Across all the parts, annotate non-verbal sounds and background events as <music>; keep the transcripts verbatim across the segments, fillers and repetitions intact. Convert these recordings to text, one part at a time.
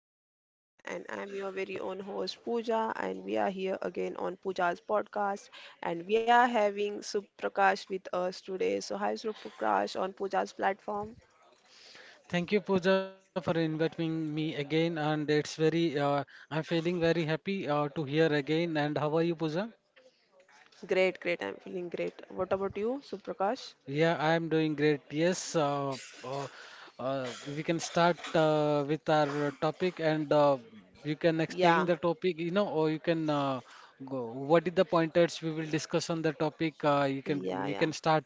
hello everyone, and I'm your very own host Pooja, and we are here again on Pooja's podcast, and we are having Suprakash with us today. So, hi Suprakash on Pooja's platform. Thank you, Pooja, for inviting me again, and it's very. Uh, I'm feeling very happy uh, to hear again. And how are you, Pooja? Great, great, I'm feeling great. What about you, Suprakash? Yeah, I'm doing great. Yes, uh, uh, uh, we can start uh, with our topic, and uh, you can explain Yeah, the topic. You know, or you can uh, go. What is the pointers we will discuss on the topic? Uh, you can yeah, we yeah. can start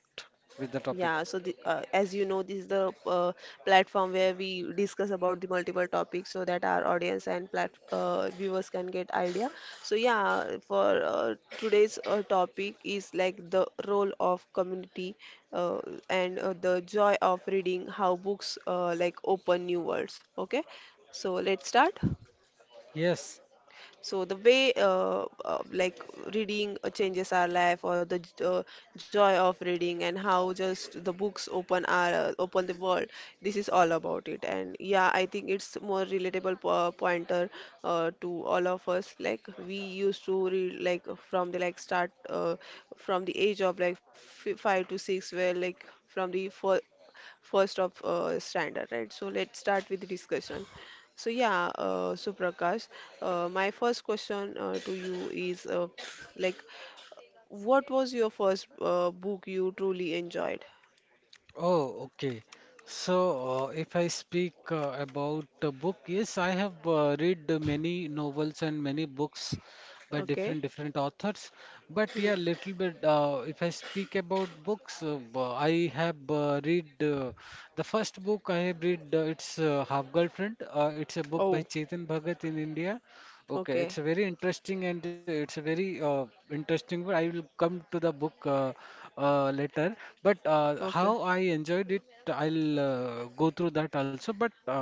with the topic. Yeah, so the, uh, as you know, this is the uh, platform where we discuss about the multiple topics so that our audience and plat uh, viewers can get idea. So yeah, for uh, today's uh, topic is like the role of community uh, and uh, the joy of reading, how books uh, like open new worlds. Okay, so let's start. Yes. So the way uh, uh, like reading uh, changes our life, or the j- uh, joy of reading, and how just the books open our uh, open the world. This is all about it. And yeah, I think it's more relatable po- pointer uh, to all of us. Like we used to read like from the like start uh, from the age of like f- five to six, where like from the fir- first of uh, standard, right? So let's start with the discussion. So yeah, uh, Suprakash, uh, my first question uh, to you is uh, like, what was your first uh, book you truly enjoyed? Oh, okay. So, uh, if I speak uh, about the book, yes, I have uh, read uh, many novels and many books by different Okay. different authors. But yeah, Hmm. little bit. Uh, if I speak about books, uh, b- I have uh, read uh, the first book I have read. Uh, it's uh, Half Girlfriend. Uh, it's a book by Oh, Chetan Bhagat in India. Okay, it's okay, a very interesting and it's a very uh, interesting. But I will come to the book uh, uh, later. But uh, okay. how I enjoyed it, I'll uh, go through that also. But uh,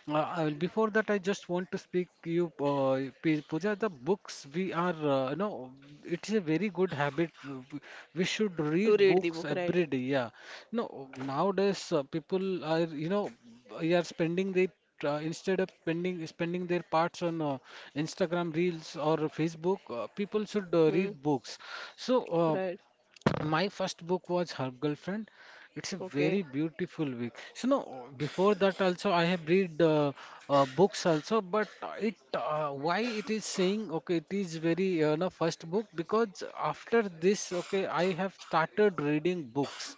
uh, uh, before that, I just want to speak you, uh, P- Pooja. The books we are, uh, you know, it's a very good habit. uh, w- We should To read read the books book, right? every day. Yeah. No, nowadays uh, people are, you know, they are spending their uh, instead of spending spending their parts on uh, Instagram reels or Facebook. Uh, people should uh, Hmm. read books. So. Uh, Right. my first book was Her Girlfriend. It's a very Okay. beautiful book. So no, before that also I have read uh, uh, books also, but it uh, why it is saying okay, it is very uh, no first book because after this okay I have started reading books.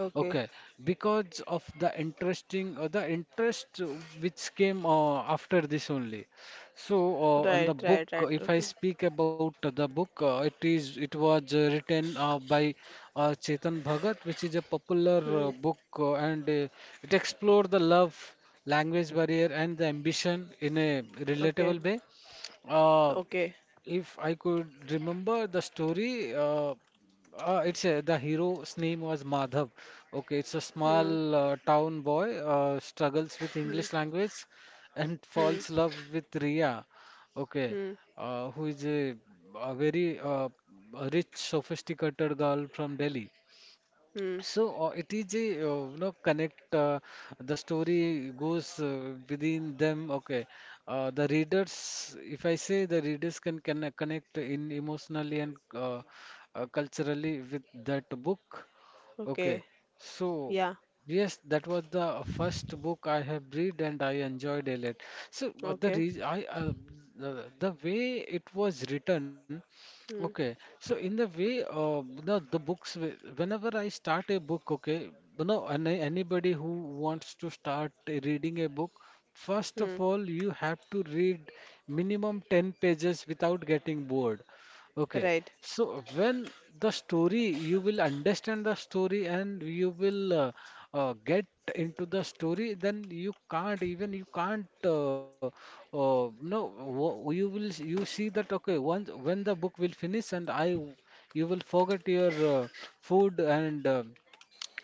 Okay. Okay, because of the interesting uh, the interest uh, which came uh, after this only. So Right. uh, on Right. the Right. book, uh, Totally. if I speak about the book, uh, it is it was uh, written uh, by uh, Chetan Bhagat, which is a popular Hmm. uh, book, uh, and uh, it explored the love, language barrier, and the ambition in a Okay. relatable way. Uh, Okay. if I could remember the story, uh, uh, it's uh, the hero's name was Madhav. Okay, it's a Hmm. small uh, town boy uh, struggles with Hmm. English language and Hmm. falls love with Riya. Okay, Hmm. uh, who is a, a very uh, rich, sophisticated girl from Delhi. Hmm. So uh, it is a uh, you know connect uh, the story goes uh, within them. Okay, uh, the readers, if I say the readers can connect, connect in emotionally and uh, uh, culturally with that book. Okay, Okay. so Yeah. yes, that was the first book I have read and I enjoyed a lot. So but the Okay. reason I uh, the, the way it was written, okay. Hmm. So in the way, uh, you know, the books. wh- Whenever I start a book, okay, you know, any, anybody who wants to start reading a book, first Hmm. of all, you have to read minimum ten pages without getting bored. Okay, Right. so when the story, you will understand the story and you will uh, uh, get into the story, then you can't even you can't uh, uh, no wo- you will s- you see that okay once when the book will finish and I w- you will forget your uh, food and uh,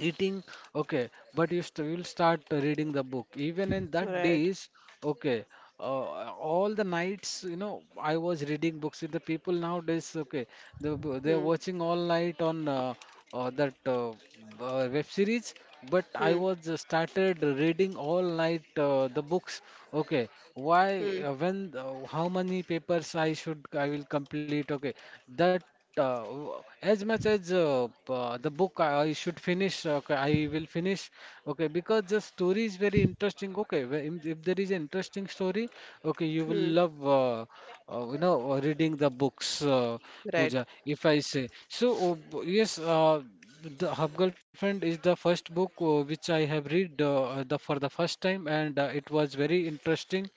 eating okay but you st- will start reading the book even in that Right. days okay uh, all the nights you know I was reading books with the people nowadays okay the, b- they're Hmm. watching all night on uh, uh, that uh, b- uh, web series but I Hmm. was uh, started reading all night uh, the books okay why Hmm. uh, when uh, how many papers i should I will complete okay that uh, w- as much as uh, p- uh, the book I I should finish, uh, okay, I will finish, okay, because the story is very interesting. Okay, where im- if there is an interesting story, okay, you will Hmm. love, uh, uh, you know, uh, reading the books, uh, Right. Pooja, if I say. So, uh, b- yes, uh, The Hub Girlfriend is the first book uh, which I have read uh, uh, the for the first time, and uh, it was very interesting.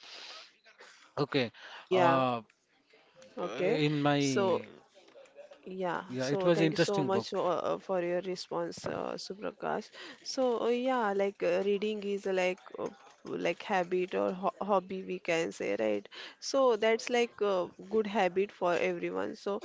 Okay, Yeah. uh, Okay. in So my yeah, yeah, it so was an thank you so interesting book. much uh, uh, for your response, uh, Suprakash. So uh, yeah, like uh, reading is uh, like uh, like habit or ho hobby we can say, right? So that's like a good habit for everyone. So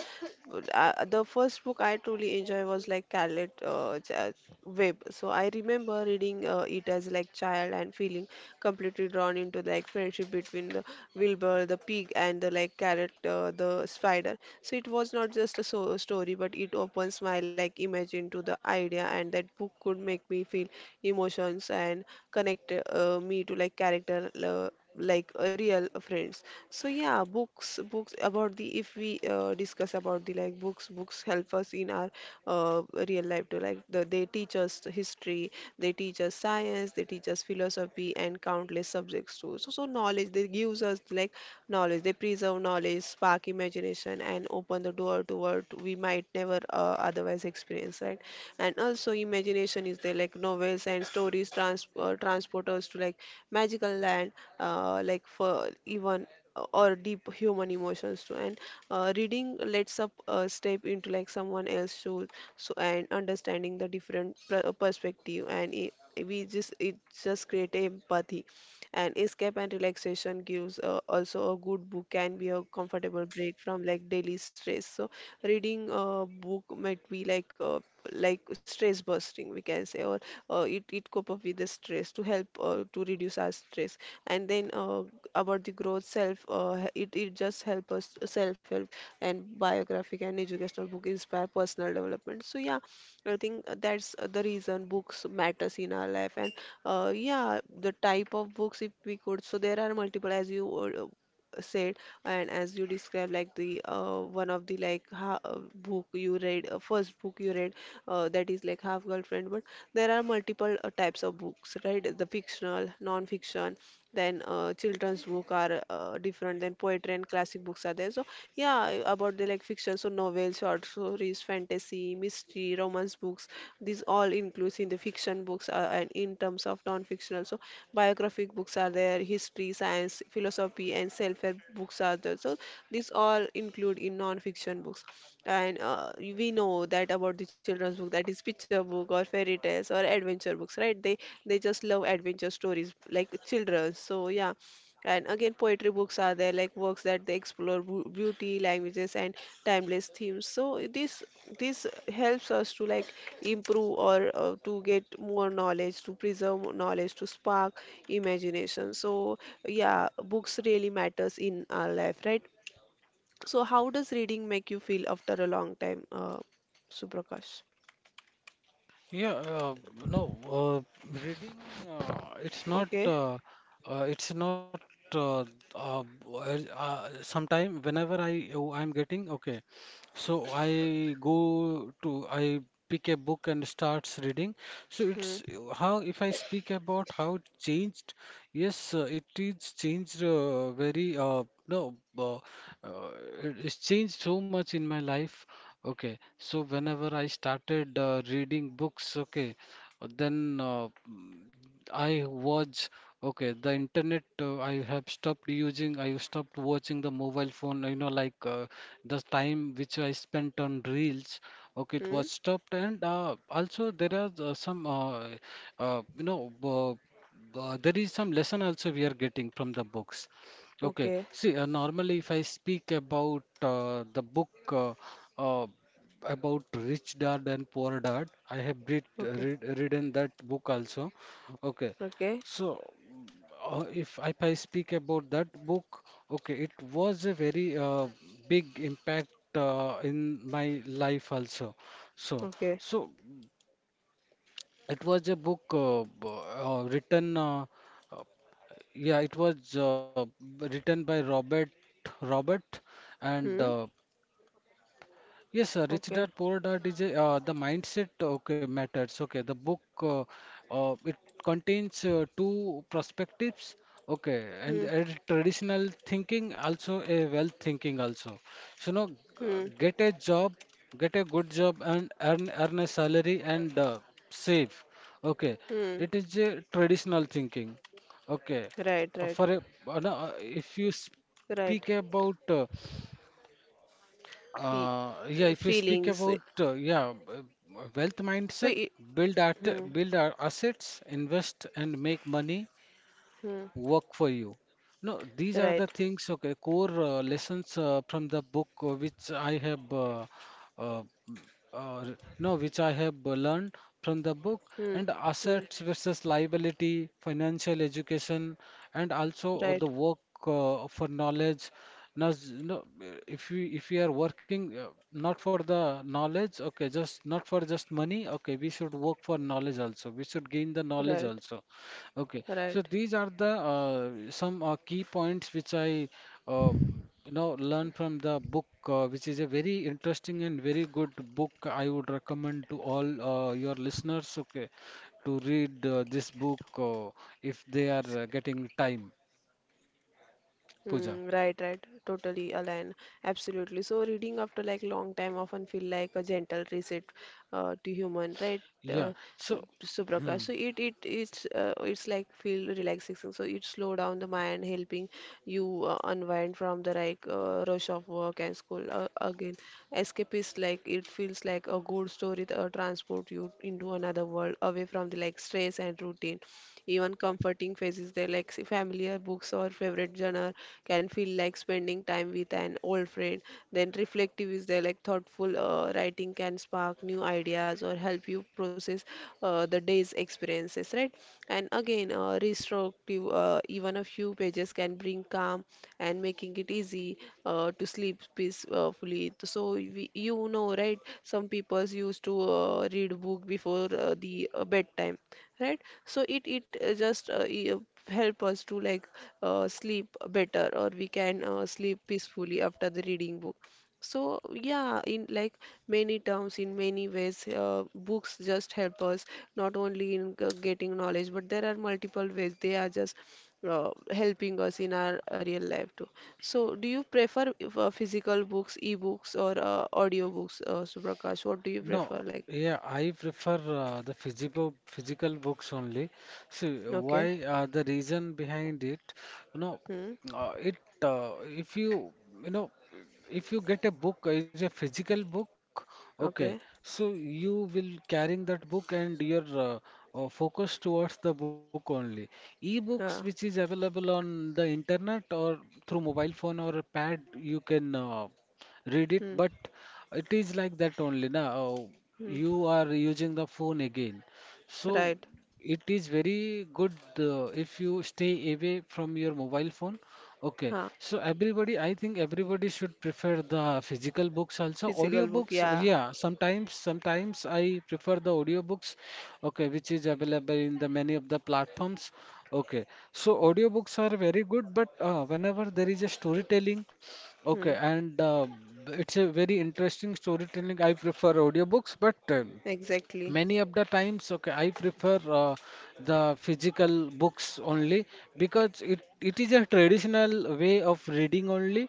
uh, uh, the first book I truly enjoy was like Scarlet uh, Ch- Web. So I remember reading uh, it as like child and feeling completely drawn into like friendship between the Wilbur the pig and the like carrot uh, the spider. So it was not just a so story, but it opens my like imagine to the idea, and that book could make me feel emotions and connect uh, me to like character uh, like uh, real friends. So yeah, books books about the if we uh, discuss about the like books books help us in our uh, real life to like the, they teach us the history, they teach us science, they teach us philosophy and countless subjects too. So so knowledge they gives us like knowledge. They preserve knowledge, spark imagination, and open the door to what we might never uh, otherwise experience, right? And also, imagination is there, like novels and stories trans uh, transport us to like magical land, uh, like for even uh, or deep human emotions too and uh, reading lets up uh, step into like someone else's shoes so and understanding the different pr- perspective and it, we just it just create empathy and escape and relaxation gives uh, also a good book can be a comfortable break from like daily stress so reading a book might be like uh, like stress busting we can say or uh, it, it cope up with the stress to help uh, to reduce our stress and then uh, about the growth self uh, it, it just help us self help and biographic and educational book inspire personal development so yeah I think uh, that's uh, the reason books matters in our life, and uh, yeah, the type of books if we could. So there are multiple, as you uh, uh, said, and as you described, like the uh, one of the like ha uh, book you read, uh, first book you read, uh, that is like Half Girlfriend. But there are multiple uh, types of books, right? The fictional, non-fiction, then uh, children's book are uh, different than poetry and classic books are there so yeah about the like fiction so novels short stories fantasy mystery romance books these all includes in the fiction books uh, and in terms of non-fictional so biographic books are there history science philosophy and self-help books are there so these all include in non-fiction books and uh, we know that about the children's book, that is picture book or fairy tales or adventure books, right? They they just love adventure stories like children. So yeah. And again, poetry books are there, like works that they explore bu- beauty, languages, and timeless themes. So this this helps us to like improve or uh, to get more knowledge, to preserve more knowledge, to spark imagination. So yeah, books really matters in our life, right? So, how does reading make you feel after a long time, uh, Suprakash? Yeah, uh, no, uh, reading, uh, it's not, Okay. uh, uh, it's not, uh, uh, uh, sometime whenever I, oh, I'm getting, okay, so I go to, I pick a book and starts reading. So Hmm. it's uh, how, if I speak about how it changed, yes, uh, it is changed uh, very, uh, no, uh, uh, it- it's changed so much in my life. Okay, so whenever I started uh, reading books, okay, then uh, mm, I watch. Okay, the internet uh, I have stopped using. I stopped watching the mobile phone. You know, like uh, the time which I spent on reels. Okay, it was Hmm. stopped, and uh, also there are uh, some uh, uh, you know. Uh, uh, there is some lesson also we are getting from the books. Okay. Okay. See, uh, normally if I speak about uh, the book uh, uh, about Rich Dad and Poor Dad, I have read, Okay. read written that book also. Okay. Okay. So, uh, if I, if I speak about that book, okay, it was a very uh, big impact uh, in my life also. So, Okay. so it was a book uh, b- uh, written. Uh, uh, yeah, it was uh, written by Robert Robert and Hmm. uh, Yes, sir. Rich Okay. Dad Poor Dad is a, uh, the mindset okay matters. Okay, the book uh, uh, it contains uh, two perspectives. Okay, Hmm. and a traditional thinking also a wealth thinking also. So now g- Hmm. get a job, get a good job and earn earn a salary and uh, save. Okay, Hmm. it is a traditional thinking. Okay, Right. Uh, Right. for a uh, no, uh, if you Right. speak about uh, E- uh, yeah, if you speak feelings. about uh, yeah, uh, wealth So. mindset, It, build art, hmm. build our assets, invest and make money, Hmm. work for you. No, these are Right. the things, okay, core uh, lessons uh, from the book uh, which I have uh, uh, m- uh, r- no, which I have uh, learned from the book Hmm. and Hmm. assets versus liability, financial education, and also uh, Right. the work uh, for knowledge. Now, s- no, uh, if we if we are working uh, not for the knowledge, okay, just not for just money, okay, we should work for knowledge also. We should gain the knowledge Right. also. Okay, so Right. these are the uh, some uh, key points which I uh, you know learned from the book, uh, which is a very interesting and very good book. I would recommend to all uh, your listeners, okay, to read uh, this book, uh, if they are uh, getting time, Pooja. Mm, right, right. Totally align. Absolutely. So reading after like long time often feel like a gentle reset uh, to human, right? Uh, Yeah. uh, So, Suprakash. So <clears throat> it it it's uh, it's like feel relaxation. So it slow down the mind, helping you uh, unwind from the like uh, rush of work and school. Uh, again, escape is like it feels like a good story that uh, transport you into another world away from the like stress and routine. Even comforting phases they like s- familiar books or favorite genre can feel like spending time with an old friend. Then reflective is there like thoughtful uh, writing can spark new ideas or help you process uh, the day's experiences, right? And again, uh, restorative, uh, even a few pages can bring calm and making it easy uh, to sleep peacefully. So we, you know, right? Some people used to uh, read book before uh, the uh, bedtime, right? So it it uh, just uh, e- uh, help us to like uh, sleep better or we can uh, sleep peacefully after the reading book so yeah in like many terms in many ways uh, books just help us not only in g- getting knowledge but there are multiple ways they are just uh, helping us in our uh, real life too so do you prefer uh, physical books e-books or uh, audio books uh, Suprakash, what do you No, prefer like. yeah, I prefer uh, the physical physical books only. See, Okay. why uh, the reason behind it, you know, Hmm. uh, it uh, if you you know if you get a book uh, is a physical book, okay, Okay. so you will carrying that book and your uh, uh, focus towards the book only. E-books Yeah. which is available on the internet or through mobile phone or a pad, you can uh, read it, Hmm. but it is like that only now Hmm. you are using the phone again, so Right. it is very good uh, if you stay away from your mobile phone. Okay, Huh. so everybody, I think everybody should prefer the physical books also. Physical book. Audiobooks, Yeah. yeah, sometimes sometimes I prefer the audiobooks, okay, which is available in the many of the platforms. Okay, so audiobooks are very good, but uh, whenever there is a storytelling. Okay, Hmm. and uh, it's a very interesting storytelling. I prefer audiobooks, but uh, Exactly. many of the times okay I prefer uh, the physical books only, because it, it is a traditional way of reading only,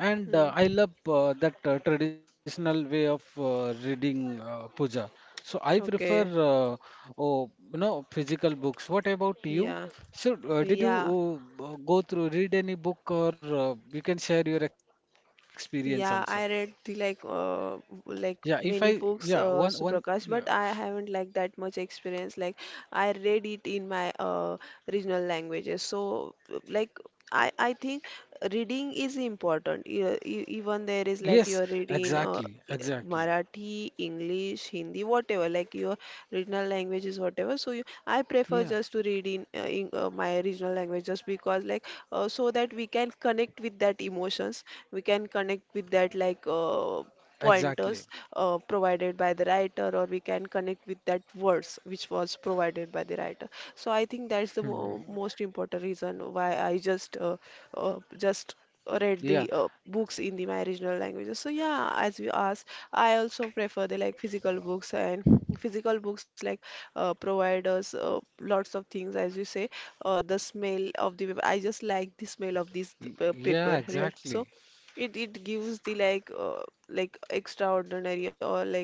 and uh, Hmm. I love uh, that uh, traditional way of uh, reading, uh, Puja. So I prefer Okay. uh, oh you know physical books. What about you? Yeah. So uh, did you Yeah. uh, b- go through read any book, or uh, you can share your experience also. Yeah, I read the like Yeah, uh if I like yeah, many one one books uh yeah. Suprakash, but I haven't like that much experience. Like I read it in my uh regional languages. So like I I think reading is important. E- e- Even there is like Yes, you're reading uh exactly, exactly. Marathi, English, Hindi, whatever. Like you regional languages whatever so you, I prefer Yeah, just to read in, uh, in uh, my regional language just because like uh, so that we can connect with that emotions, we can connect with that like uh, exactly. pointers uh, provided by the writer or we can connect with that words which was provided by the writer so I think that's the Hmm. mo- most important reason why I just uh, uh, just read Yeah, the uh, books in the my regional languages so yeah as you asked I also prefer the like physical books and physical books like uh, provide us uh, lots of things as you say uh, the smell of the paper I just like the smell of this y- uh, paper yeah, right so exactly. it it gives the like uh, like extraordinary or like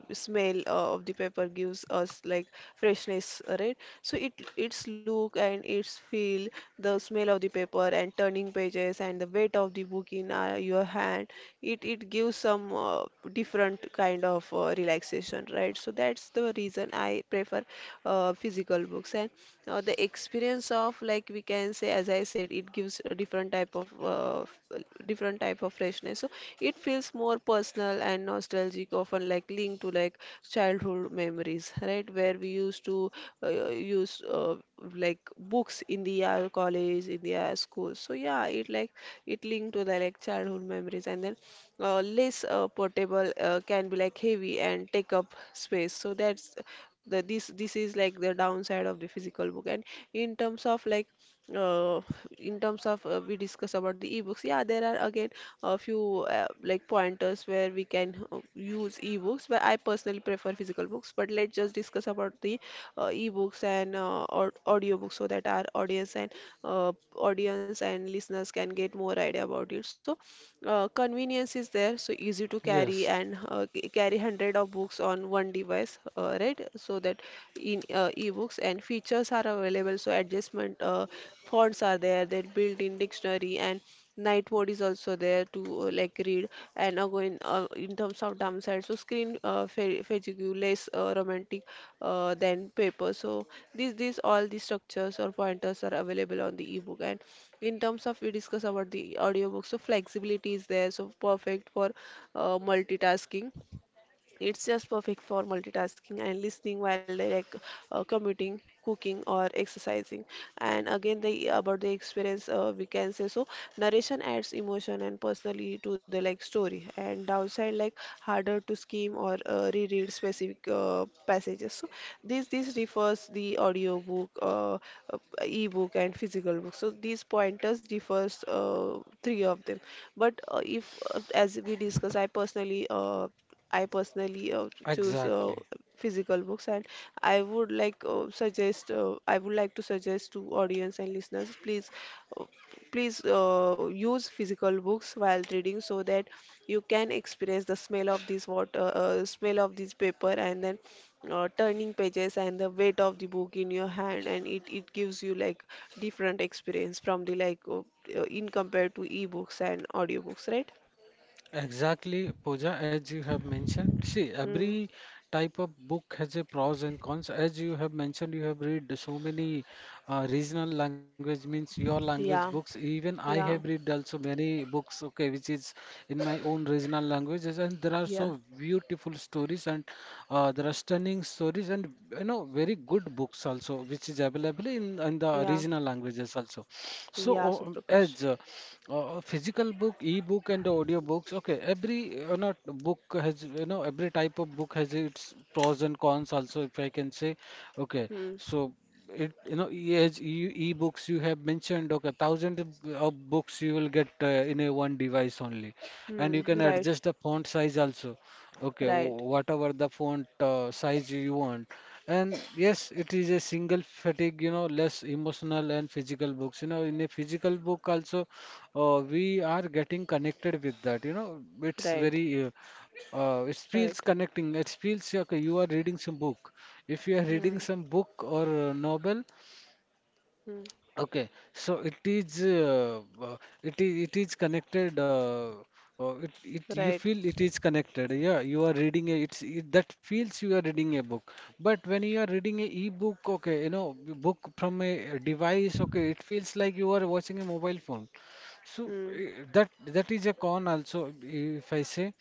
smell uh, of the pepper gives us like freshness, right? So it its look and its feel, the smell of the paper and turning pages and the weight of the book in uh, your hand, it it gives some uh, different kind of uh, relaxation, right? So that's the reason I prefer uh, physical books. And uh, the experience of, like, we can say, as I said, it gives a different type of uh, f- different type of freshness. So it feels more personal and nostalgic, often like linked to, like, childhood memories, right, where we used to uh, use uh, like books in the uh, college, in the uh, school. So, yeah, it, like, it linked to the, like, childhood memories. And then uh, less uh, portable, uh, can be, like, heavy and take up space. So that's the this this is, like, the downside of the physical book. And in terms of, like, uh, in terms of, uh, we discuss about the ebooks, yeah, there are, again, a few uh, like pointers where we can uh, use ebooks, but I personally prefer physical books. But let's just discuss about the uh, ebooks and uh, or audiobooks, so that our audience and uh, audience and listeners can get more idea about it. So uh, convenience is there, so easy to carry and Yes, uh, c- carry hundred of books on one device, uh, right. So that in uh, ebooks and features are available, so adjustment uh, fonts are there, then built-in dictionary and night mode is also there to uh, like read. And again, uh, in terms of downside, so screen uh, fa- fatigue, less uh, romantic uh, than paper. So these these all the structures or pointers are available on the ebook. And in terms of, we discuss about the audiobook, so flexibility is there, so perfect for uh, multitasking. It's just perfect for multitasking and listening while they're like uh, commuting, cooking, or exercising. And again, the about the experience, uh, we can say. So narration adds emotion and personally to the, like, story, and downside, like harder to skim or uh, reread specific uh, passages. So this this refers the audiobook, uh, uh, e-book, and physical book. So these pointers differs uh, three of them. But uh, if uh, as we discuss, I personally uh, I personally uh, choose uh, exactly. physical books. And I would like uh, suggest. Uh, I would like to suggest to audience and listeners, please, uh, please uh, use physical books while reading, so that you can experience the smell of this water, uh, smell of this paper, and then uh, turning pages and the weight of the book in your hand. And it it gives you, like, different experience from the, like, uh, uh, in compared to ebooks and audiobooks, right? Exactly, Pooja, as you have mentioned. See, Hmm. every type of book has a pros and cons. As you have mentioned, you have read so many uh, regional language means your language Yeah. books. Even I have Yeah. read also many books, okay, which is in my own regional languages, and there are Yeah. so beautiful stories and uh, there are stunning stories and you know very good books also which is available in, in the Yeah, regional languages also. So yeah, o- Suprakash. as uh, uh, Physical book, e-book and audio books, okay, every you know book has you know every type of book has its pros and cons also, if I can say. Okay, Hmm, so it you know e- as e- e-books, you have mentioned, okay, thousand of of books you will get uh, in a one device only, and you hmm, can right, adjust the font size also. Okay, right, wh- whatever the font uh, size you want. And yes, it is a single fatigue, you know, less emotional, and physical books, you know, in a physical book also, uh, we are getting connected with that. You know, it's right, very, uh, uh, it feels right, connecting. It feels okay, you are reading some book. If you are hmm, reading some book or uh, novel, hmm, okay, so it is uh, uh, it is it is connected. Uh, uh, it, it you right, feel it is connected. Yeah, you are reading a it's it, that feels you are reading a book. But when you are reading a e-book, okay, you know, b- book from a device, okay, it feels like you are watching a mobile phone. So hmm, eh, that that is a con also, if I say.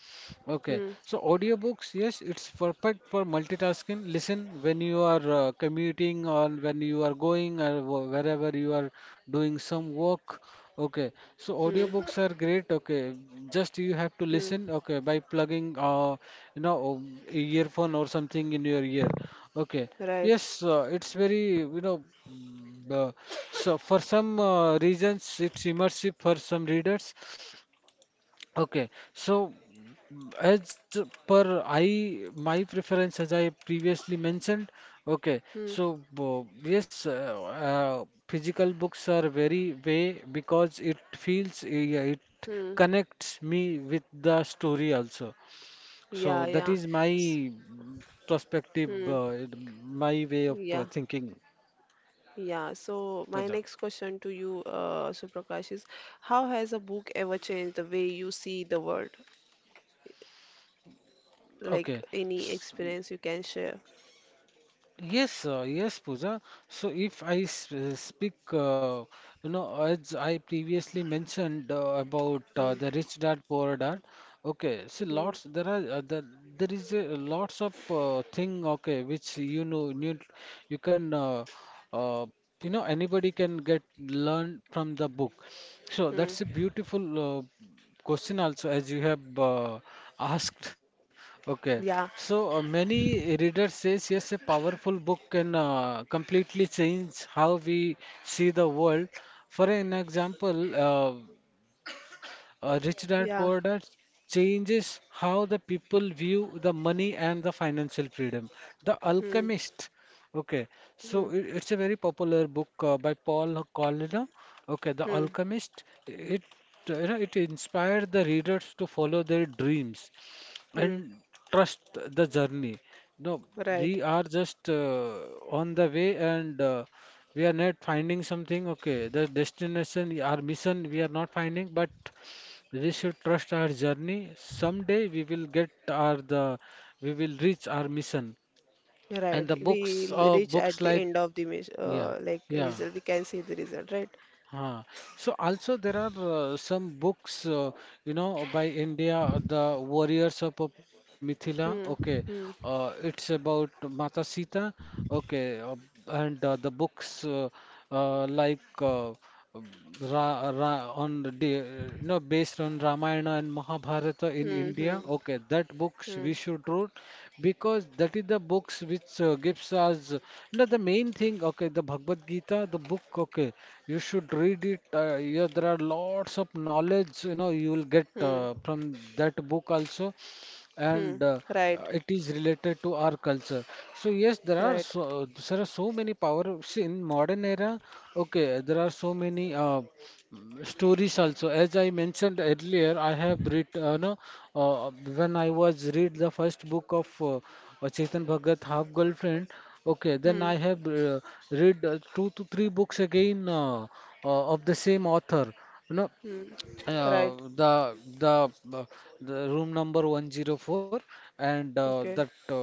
Okay, hmm, so audiobooks, yes, it's perfect for multitasking. Listen when you are uh, commuting or when you are going or wh- wherever you are doing some work. Okay, so hmm, audiobooks are great. Okay, just you have to hmm, listen. Okay, by plugging uh, you know um, earphone or something in your ear. Okay, right, yes, uh, it's very you know mm, uh, so for some uh, reasons it's immersive for some readers. Okay, so mm, as per I my preference, as I previously mentioned, okay, hmm, so bo- yes, uh, uh, physical books are very way because it feels, uh, yeah, it hmm, connects me with the story also. yeah, So that yeah, is my mm, perspective, hmm, uh, my way of yeah, uh, thinking. yeah. So my Pooja. next question to you, uh, Suprakash, is how has a book ever changed the way you see the world? Like, Okay, any experience you can share? yes, uh, yes, Pooja. So if I s- uh, speak, uh, you know, as I previously mentioned uh, about uh, Hmm, the Rich Dad, Poor Dad. Okay, see, hmm, lots there are uh, the, there is a lots of uh, thing. Okay, which you know, you, you can, uh, uh, you know, anybody can get learn from the book. So that's a hmm, beautiful uh, question also, as you have uh, asked. <laughs> Okay, so yeah, uh, many readers says yes, a powerful book can uh, completely change how we see the world. For an example, uh, uh, Rich Dad yeah, Poor Dad changes how the people view the money and the financial freedom. The hmm, Alchemist. Okay, hmm. so it, it's a very popular book uh, by Paul Colliner. Okay, The Hmm. Alchemist. It you know it inspired the readers to follow their dreams Hmm. and trust the journey. No, we Right. are just uh, on the way, and uh, we are not finding something. Okay, the destination, our mission, we are not finding, but we should trust our journey. Someday we will get our the we will reach our mission. And Right. the books We'll of reach books at the like, end of the mes- yeah, uh, like yeah. result. We can see the result, right? Huh. So also there are uh, some books, uh, you know, by India, uh, the Warriors of, of Mithila. Okay, Hmm. Hmm. uh, it's about Mata Sita. Okay, uh, and uh, the books uh, uh, like uh, um, Ra, Ra, on the day, you know, based on Ramayana and Mahabharata in Hmm. Hmm. India. Okay, that Hmm. books we should read because that is the books which uh, gives us, you know, the main thing. Okay, the Bhagavad Gita, the book. Okay, you should read it. Uh, yeah, there are lots of knowledge. You know, you will get Hmm. uh, from that book also, Hmm. and uh, Right. uh, it is related to our culture. So yes, there are Right. so there are so many power, see, in modern era. Okay, there are so many Uh, stories also. As I mentioned earlier, I have read uh, no, uh, when I was read the first book of uh, uh, Chetan Bhagat, Half Girlfriend. Okay, then Hmm. I have uh, read uh, two to three books again uh, uh, of the same author, you know, Hmm. Right. uh, the the uh, the Room Number one zero four, and uh, that Okay. uh,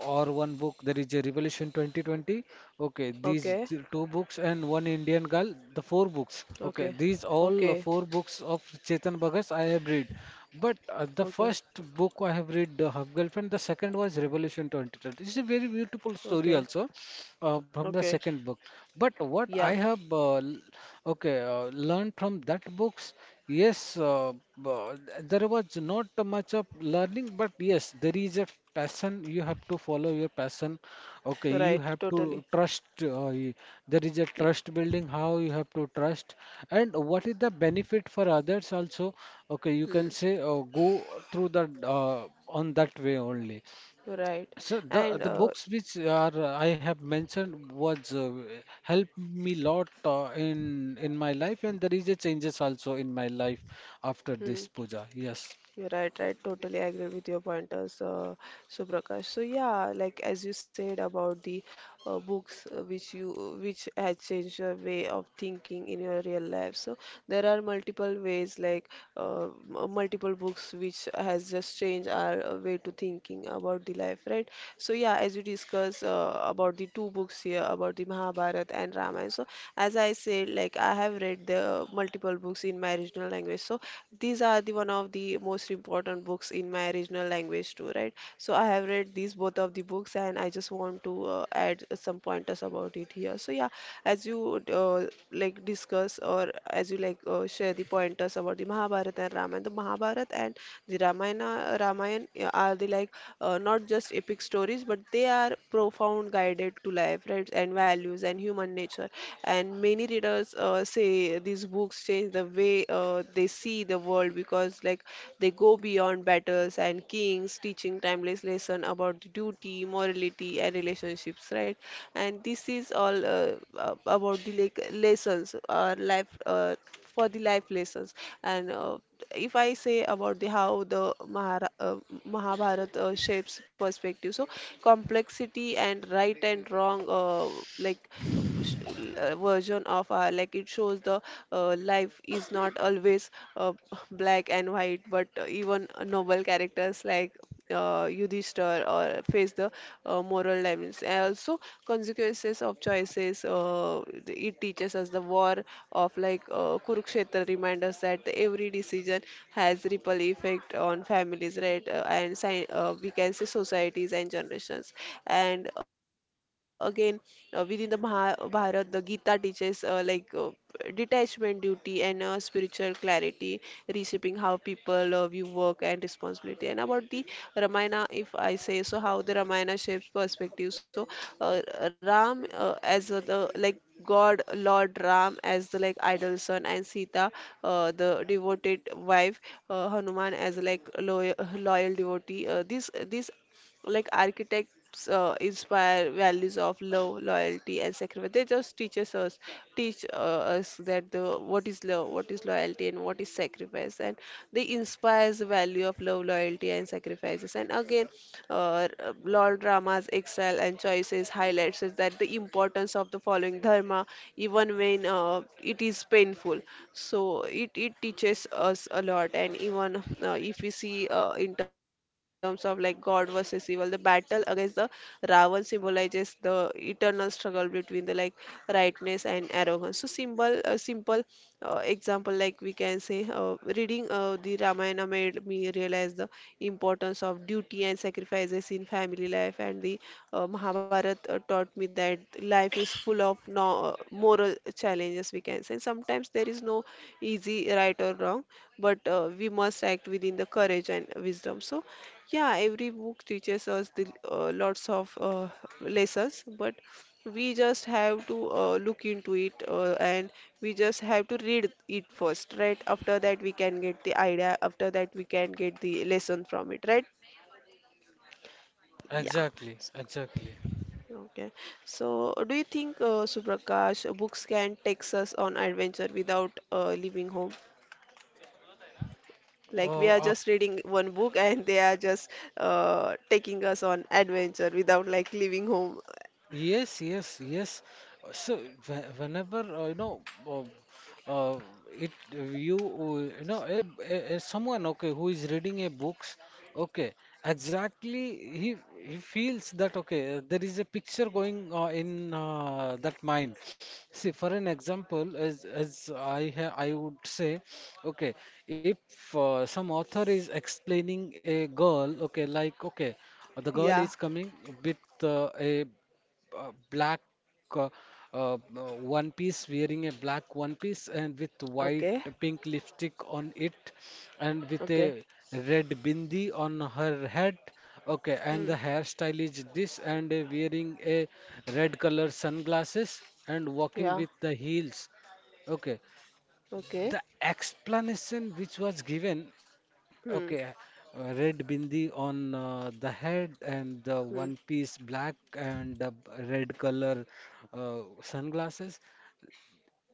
or one book there is a Revolution twenty twenty. Okay, these Okay. th- two books and One Indian Girl, the four books, Okay. okay, these Okay. all four books of Chetan Bhagat I have read. But uh, the Okay. first book I have read uh, Half Girlfriend, the second was Revolution twenty twenty. It's a very beautiful story Okay. also uh, from the Okay. second book. But what I Yeah. have uh, l- okay, uh, learned from that books, yes, uh, uh, there was not much of learning, but yes, there is a passion. You have to follow your passion. Okay, you Right. have Totally. to trust. Uh, y- there is a Y- trust building. How you have to trust, and what is the benefit for others also? Okay, you Hmm. can say uh, go through that uh, on that way only. Right. So the And the uh. books which are uh, I have mentioned was uh, helped me lot uh, in in my life, and there is a changes also in my life after Hmm. this, puja. Yes, You're right, right. Totally agree with your pointers, uh, Suprakash. So, yeah, like as you said about the uh, books, uh, which you which had changed your way of thinking in your real life. So there are multiple ways, like uh, m- uh, multiple books which has just changed our uh, way to thinking about the life, right? So, yeah, as you discuss uh, about the two books here about the Mahabharata and Ramayana. So as I said, like I have read the multiple books in my original regional language. So these are the one of the most important books in my regional language too, right? So I have read these both of the books, and I just want to uh, add some pointers about it here. So, yeah, as you uh, like discuss or as you like uh, share the pointers about the Mahabharata and Ramayana, the Mahabharata and the Ramayana, Ramayana uh, are the, like, uh, not just epic stories, but they are profound guided to life, right, and values and human nature. And many readers uh, uh, say these books change the way uh, they see the world, because, like, they go beyond battles and kings, teaching timeless lesson about the duty, morality, and relationships, right? And this is all uh, ab- about the, like, lessons, our life. Uh, for the life lessons. And uh, if I say about the how the Mahara, uh, Mahabharata uh, shapes perspective, so complexity and right and wrong, uh, like sh- uh, version of our, like, it shows the, uh, life is not always uh, <laughs> black and white. But uh, even noble characters like uh, Yudhishthir or fa- face the uh, moral dilemmas and also consequences of choices. Uh, it teaches us the war of, like, uh, Kurukshetra reminds us that every decision has ripple effect on families, right, uh, and sci- uh, we can say societies and generations. And again, uh, within the Mahabharata, the Gita teaches, uh, like uh, detachment, duty and uh, spiritual clarity, reshaping how people uh, view work and responsibility. And about the Ramayana, if I say, so how the Ramayana shapes perspective, so uh, Ram uh, as uh, the, like, god, lord Ram as the, like, idol son, and Sita, uh, the devoted wife, uh, Hanuman as, like, loyal, loyal devotee, uh, this this, like, architects uh, inspire values of love, loyalty and sacrifice. They just teaches us teach uh, us that the what is love, what is loyalty and what is sacrifice. And they inspires the value of love, loyalty and sacrifices. And again, uh, Lord Rama's excel and choices highlights is that the importance of the following dharma, even when uh, it is painful. So it it teaches teaches us a lot. And even uh, if we see uh, in terms of, like, god versus evil, the battle against the Ravan symbolizes the eternal struggle between the, like, rightness and arrogance. So symbol a simple uh, example, like we can say, uh, reading uh, the Ramayana made me realize the importance of duty and sacrifices in family life. And the uh, mahabharat uh, taught me that life is full of no, moral challenges, we can say. And sometimes there is no easy right or wrong, but uh, we must act within the courage and wisdom. So, yeah, every book teaches us the, uh, lots of uh, lessons. But we just have to uh, look into it, uh, and we just have to read it first, right? After that, we can get the idea. After that, we can get the lesson from it, right? Yeah. exactly, exactly. Okay. So, do you think, uh, Suprakash, uh, books can take us on adventure without uh, leaving home? Like, we are Oh, just reading one book and they are just uh, taking us on adventure without, like, leaving home. yes, yes, yes. Uh, So whe- whenever uh, you know uh, uh, it you uh, you know, a, a, a someone, okay, who is reading a books, okay, exactly, he he feels that, okay, uh, there is a picture going uh, in uh, that mind. See, for an example, as as I ha I would say, okay, if uh, some author is explaining a girl, okay, like, okay, uh, the girl is Yeah. coming with uh, a uh, black uh, uh, uh, one piece, wearing a black one piece and with white Okay. pink lipstick on it, and with a Okay. red bindi on her head. Okay, and Hmm. the hairstyle is this, and uh, wearing a red color sunglasses and walking Yeah. with the heels. Okay, Okay. the explanation which was given. Hmm. Okay, uh, red bindi on uh, the head and the Hmm. one piece black and the b- red color uh, sunglasses.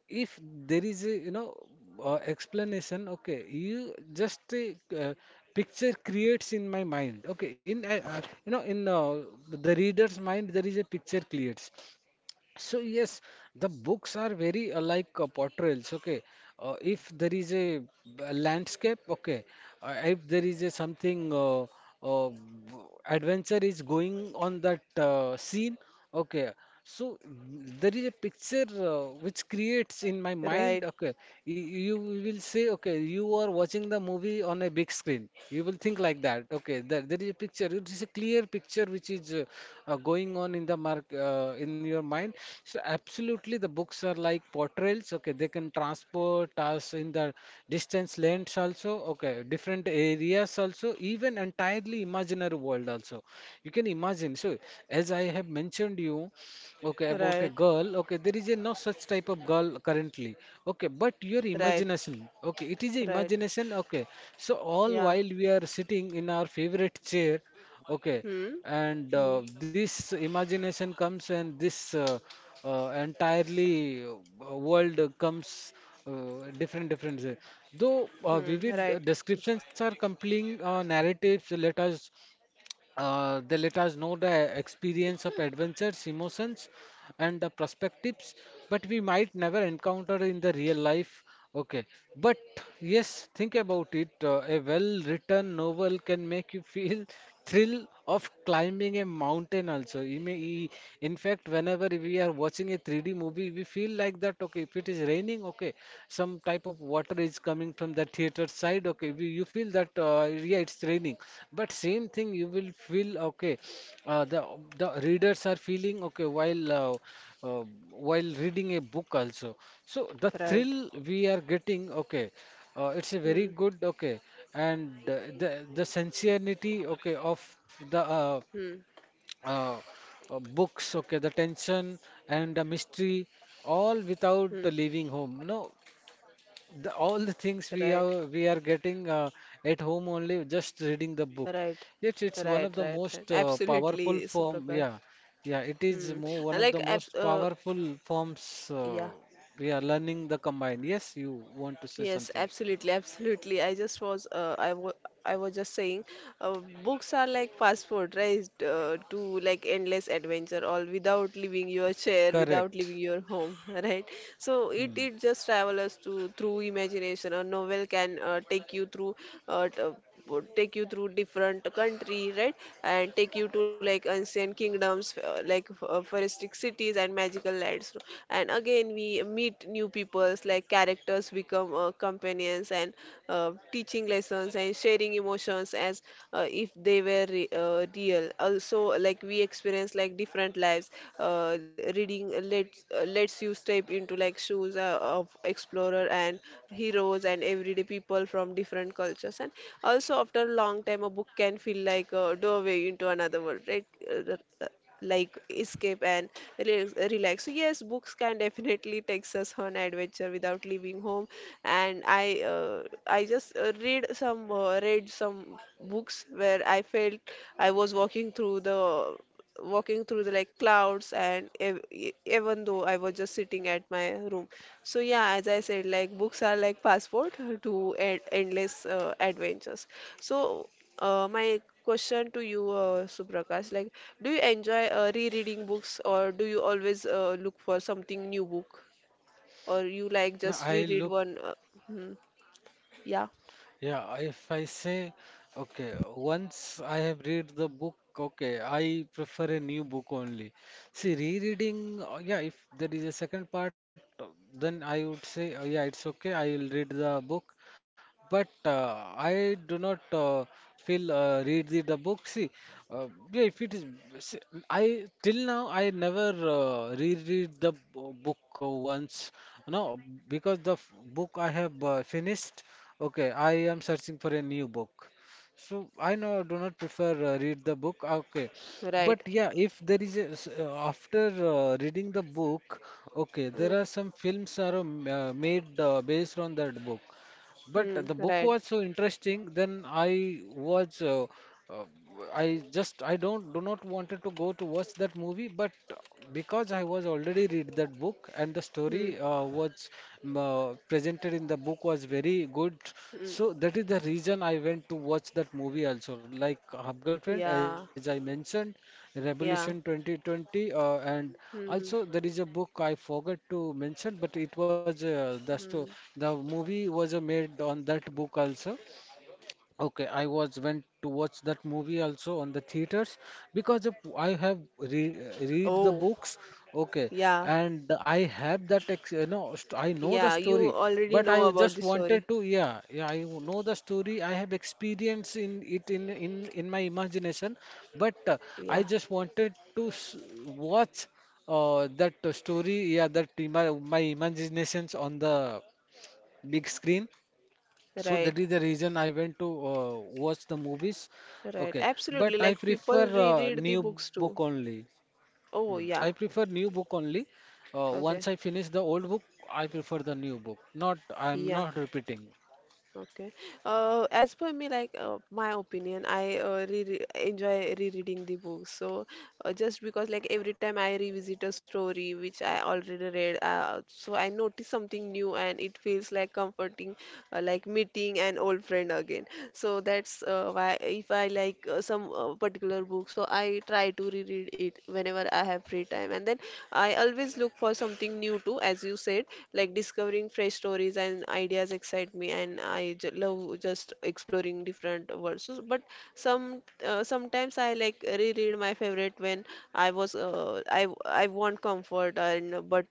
If there is a, you know, uh, explanation, okay, you just uh, uh, picture creates in my mind. Okay, in uh, uh, you know, in uh, the reader's mind, there is a picture creates. So yes, the books are very uh, like uh, portrayals. Okay, uh, if there is a, b- landscape, okay, uh, if there is a something, uh, uh, b- adventure is going on that uh, scene, okay. So mm, there is a picture uh, which creates in my Right. mind. Okay, Y- you will say, okay, you are watching the movie, see, on a big screen. You will think like that. Okay, there, there is a picture. It is a clear picture which is uh, uh, going on in the mark uh, in your mind. So absolutely, the books are like portrayals. Okay, they can transport us in the distance lands also. Okay, different areas also. Even entirely imaginary world also. You can imagine. So as I have mentioned you. Okay, about a Right. girl. Okay, there is a no such type of girl currently. Okay, but your Right. imagination. Okay, it is a Right. imagination. Okay, so all Yeah. while we are sitting in our favorite chair. Okay, Hmm. and uh, Hmm. this imagination comes, and this uh, uh, entirely uh, world comes uh, different different way. Though uh, Hmm. Right. vivid descriptions are compelling uh, narratives, let us uh, they let us know the experience of adventures, emotions, and the perspectives, but we might never encounter in the real life. Okay, but yes, think about it. Uh, a well-written novel can make you feel <laughs> thrill of climbing a mountain also. You may, in fact, whenever we are watching watching a three D movie, we feel like that, okay, if it is raining, okay, some type of water is coming from the theater side, okay, we, you feel that, uh, yeah, it's raining. But same thing, you will feel, okay, uh, the, the readers are feeling, okay, while, uh, uh, while reading a book also. So the Right. thrill we are getting, okay, uh, it's a very Hmm. good, okay, and uh, the, the sincerity, okay, of the, uh, Hmm. uh, uh, books, okay, the tension and the mystery, all without Hmm. leaving home. You know, the, all the things we Right. are we are getting uh, at home only, just reading the book. Right, Yet it's one of right, the right, right. most uh, powerful Absolutely, form. Suprakash. Yeah, yeah, it is Hmm. more I one of like, the abs most uh, powerful forms. Uh, yeah, We are learning the combined. Yes, you want to say yes, something? absolutely, absolutely. I just was, uh, I was, I was just saying, uh, books are, like, passport, right? Uh, to, like, endless adventure, all without leaving your chair, without leaving Correct. your home, <laughs> right? So it Hmm. it just travels to through imagination. A novel can uh, take you through uh, t- would take you through different country, right, and take you to, like, ancient kingdoms, uh, like uh, forestic cities and magical lands. And again, we meet new peoples, like characters become uh, companions and uh, teaching lessons and sharing emotions as, uh, if they were re- uh, real. Also, like, we experience, like, different lives. Uh, reading let uh, lets you step into, like, shoes uh, of explorer and heroes and everyday people from different cultures. And also, after a long time, a book can feel like a doorway into another world, right? Uh, the- the- like escape and relax, relax. So, yes, books can <laughs> definitely takes us on adventure without leaving home. And I uh, I just uh, read some uh, read some books where I felt I was walking through the walking through the, like, clouds. And ev- e- even though I was just sitting at my room. So, yeah, as I said, like books are like passport <laughs> to e- endless uh, adventures. So uh, my question to you, uh, Suprakash, like, do you enjoy uh, rereading books, or do you always uh, look for something new book, or you, Now like, I just look. reread one? Uh, hmm, yeah, Yeah, if I say, okay, once I have read the book, okay, I prefer a new book only. See, rereading, uh, yeah, if there is a second part, uh, then I would say, uh, yeah, it's okay, I will read the book. But uh, I do not uh, feel uh, read the, the book. See, uh, yeah, if it is, see, I till now I never uh, reread the bo- book uh, once. No, because the f- book I have uh, finished. Okay, I am searching for a new book. So I know do not prefer uh, read the book. Okay, but right. yeah, if there is a, s- uh, after uh, reading the book, okay, there Hmm, are some films are uh, uh, made uh, based on that book. But hmm, the book right. was so interesting. Then I was, uh, uh, I just, I don't, do not wanted to go to watch that movie. But because I was already read that book and the Hmm, story uh, was um, uh, presented in the book was very good. hmm, So that is the reason I went to watch that movie also. Like Hub Girlfriend, as yeah, I mentioned, Revolution yeah. twenty twenty, uh, and Hmm. also there is a book I forgot to mention, but it was uh, the Hmm. sto the movie was uh, made on that book also. Okay, I was went to watch that movie also on the theaters because of, I have re read the Oh, books. Okay, yeah, and I have that ex you know st I know the yeah, you story, already but I know about just the story. wanted to yeah yeah I know the story. I have experience in it in in in my imagination, but uh, I Yeah, just wanted to s watch uh, that story yeah that ima my imaginations on the big screen, so that right, is the reason I went to uh, watch the movies. right. Okay, but Absolutely. I Like prefer people uh, reread the new book books too. only. Hmm. Oh, I yeah. prefer new book only. Uh, once I Okay. finish the old book, I prefer the new book. Not, I'm Yeah. not repeating. Okay. Uh, as per me, like, uh, my opinion, I uh, re enjoy rereading the book. So uh, just because, like, every time I revisit a story which I already read, uh, so I notice something new, and it feels, like, comforting, uh, like meeting an old friend again. So that's uh, why, if I like uh, some uh, particular book, so I try to reread it whenever I have free time. And then I always look for something new too, as you said, like discovering fresh stories and ideas excite me, and i j- love just exploring different words. So, but some uh, sometimes I, like, reread my favorite when I was uh, I I want comfort and, but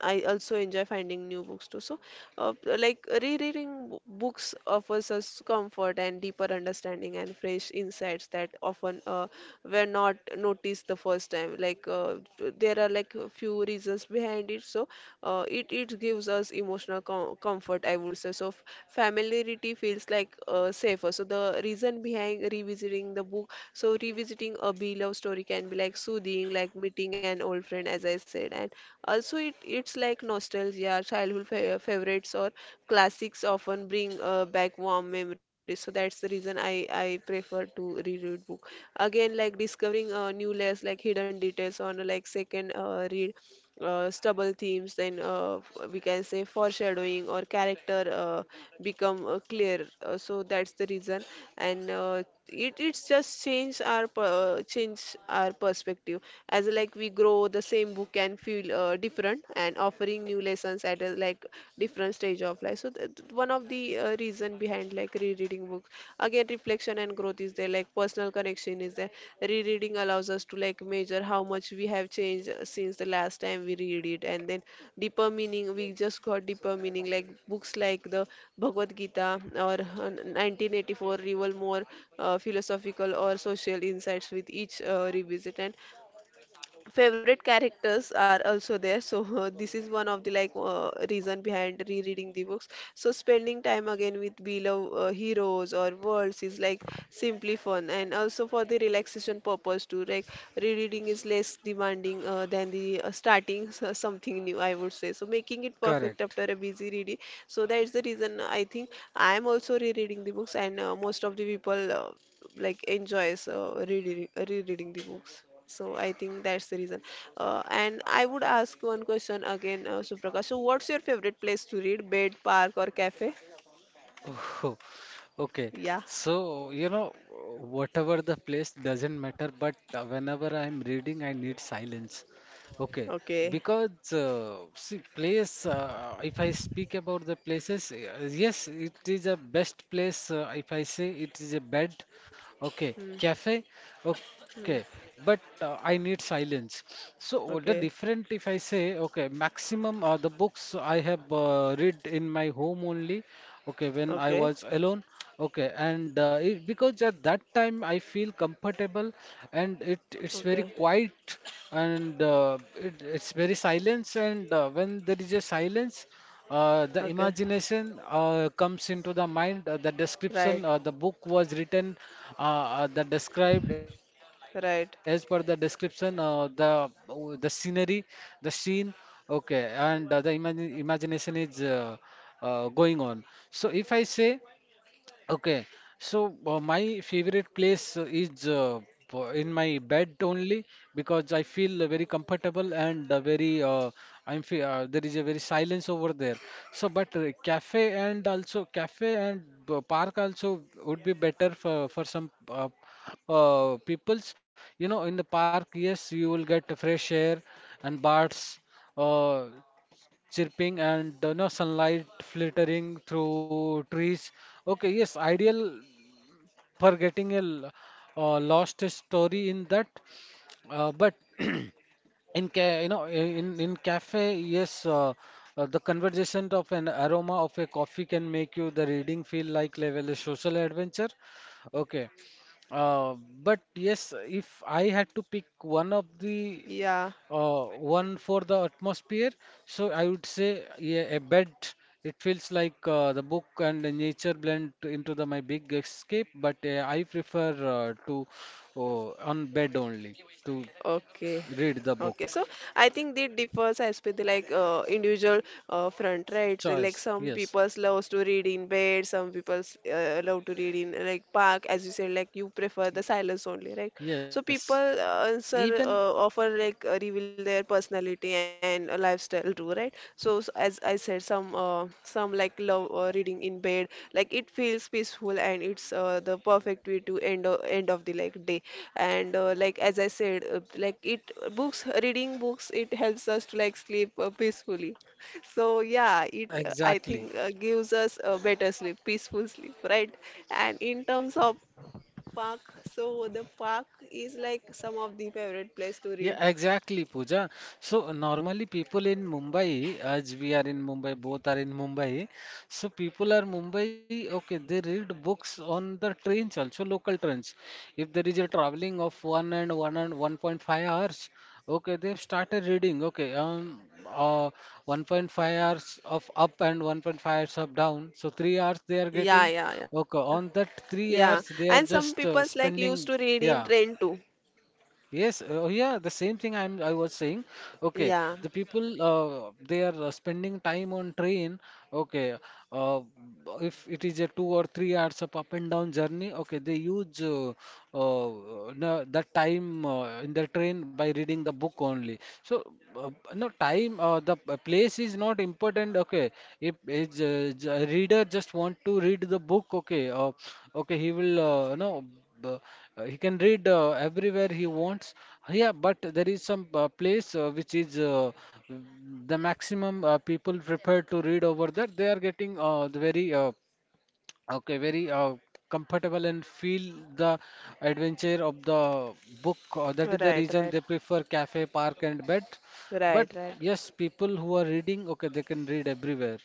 I also enjoy finding new books too. So, uh, like rereading bo- books offers us comfort and deeper understanding and fresh insights that often uh, were not noticed the first time. Like, uh, there are, like, a few reasons behind it. So, uh, it it gives us emotional com- comfort, I would say. So f- familiarity feels like uh, safer. So the reason behind revisiting the book, so revisiting a beloved story can be like soothing, like meeting an old friend, as I said. And also it it's like nostalgia. Childhood fa- favorites or classics often bring uh, back warm memories. So that's the reason i i prefer to reread book again. Like discovering uh, new layers, like hidden details on a like second uh, read. Uh, stubble themes, then uh, f- we can say foreshadowing or character uh, become uh, clear. Uh, so that's the reason, and uh, it it's just change our per- change our perspective. As like we grow, the same book can feel uh, different and offering new lessons at a like different stage of life. So that one of the uh, reason behind like rereading books again. Reflection and growth is there, like personal connection is there. Rereading allows us to like measure how much we have changed uh, since the last time we read it. And then deeper meaning, we just got deeper meaning, like books like the Bhagavad Gita or uh, nineteen eighty-four reveal more uh, philosophical or social insights with each uh, revisit. And favorite characters are also there. So <laughs> this is one of the like uh, reason behind rereading the books. So spending time again with beloved uh, heroes or worlds is like simply fun, and also for the relaxation purpose too. Like rereading is less demanding uh, than the uh, starting s- uh, something new, I would say. So making it perfect Correct. after a busy reading. So that is the reason I think I am also rereading the books. And uh, most of the people uh, like enjoys uh, rereading, rereading the books. So I think that's the reason. Uh, and I would ask one question again, uh, Suprakash. So what's your favorite place to read? Bed, park, or cafe? Oh, <laughs> okay. Yeah. So, you know, whatever the place doesn't matter, but uh, whenever I'm reading, I need silence. Okay, Okay. because uh, see, place, uh, if I speak about the places, uh, yes, it is a best place. Uh, if I say it is a bed, okay, Hmm. cafe. Okay, Hmm. but uh, I need silence. So uh, the Okay. different, if I say, okay, maximum uh, the books I have uh, read in my home only. Okay, when I Okay. was alone. Okay, and uh, it, because at that time I feel comfortable and it it's Okay. very quiet and uh, it, it's very silence and uh, when there is a silence uh, the Okay. imagination uh, comes into the mind, uh, the Right. description, uh, the book was written, uh, uh, the described as per the Right. description uh, the uh, the scenery, the scene, okay, and uh, the imagine, imagination is uh, uh, going on. So if I say okay, so uh, my favorite place uh, is uh, po- in my bed only, because I feel uh, very comfortable and uh, very uh, I'm fe uh, there is a very silence over there. So, but uh, cafe and also cafe and uh, park also would be better for for some uh, uh, peoples. You know, in the park, yes, you will get fresh air and bars. Uh, Chirping and the no sunlight filtering through trees. Okay, yes, ideal for getting a l- uh, lost story in that. Uh, but <clears throat> in ca you know, in in cafe, yes, uh, uh, the conversation of an aroma of a coffee can make you the reading feel like level a social adventure. Okay, uh, but yes, if I had to pick one of the Yeah. uh, one for the atmosphere, so I would say yeah, a bed. It feels like uh, the book and the nature blend into the my big escape, but uh, I prefer uh, to uh, on bed only to Okay. read the book. Okay, so I think they differs as with the like uh, individual uh, front, right? So, like Choice, some yes, people loves to read in bed, some people uh, love to read in like park, as you said, like you prefer the silence only, right? So yes. people uh, Even answer uh, offer like uh, reveal their personality and uh, lifestyle too, right? So s- as I said, some uh, some like love uh, reading in bed. Like it feels peaceful and it's uh, the perfect way to end o- end of the like day. And uh, like as I said, uh, like it books reading books, it helps us to like sleep uh, peacefully. <laughs> So yeah, it uh, I exactly. think uh, gives us a better sleep, peaceful sleep, right? And in terms of park, so the park is like some of the favorite place to read. Yeah, exactly, Pooja. So normally people in Mumbai, as we are in Mumbai, both are in Mumbai. So people are Mumbai, okay, they read books on the trains also, local trains. If there is a traveling of one and one and one point five hours, okay, they've started reading, okay, um, uh, one point five hours of up and one point five hours of down. So three hours they are Yeah, getting, yeah, yeah. okay, on that Yeah, three and hours they some are people's just like uh, used to read spending, in train yeah. too. Yes, uh, oh yeah, the same thing I'm I was saying. Okay, Yeah, the people uh, they are uh, spending time on train. Okay, uh, if it is a two or three hours of up and down journey, okay, they use uh, uh, no, that time uh, in the train by reading the book only. So uh, no time, uh, the p- place is not important. Okay, if is, uh, j- a reader just want to read the book, okay, uh, okay, he will uh, no the, uh, he can read uh, everywhere he wants. Yeah, but there is some uh, place uh, which is uh, the maximum uh, people prepared to read over there. They are getting uh, the very uh, okay, very uh, comfortable and feel the adventure of the book. Uh, that is the right, reason right, they prefer cafe, park, and bed. But right, right, yes, people who are reading, okay, they can read everywhere.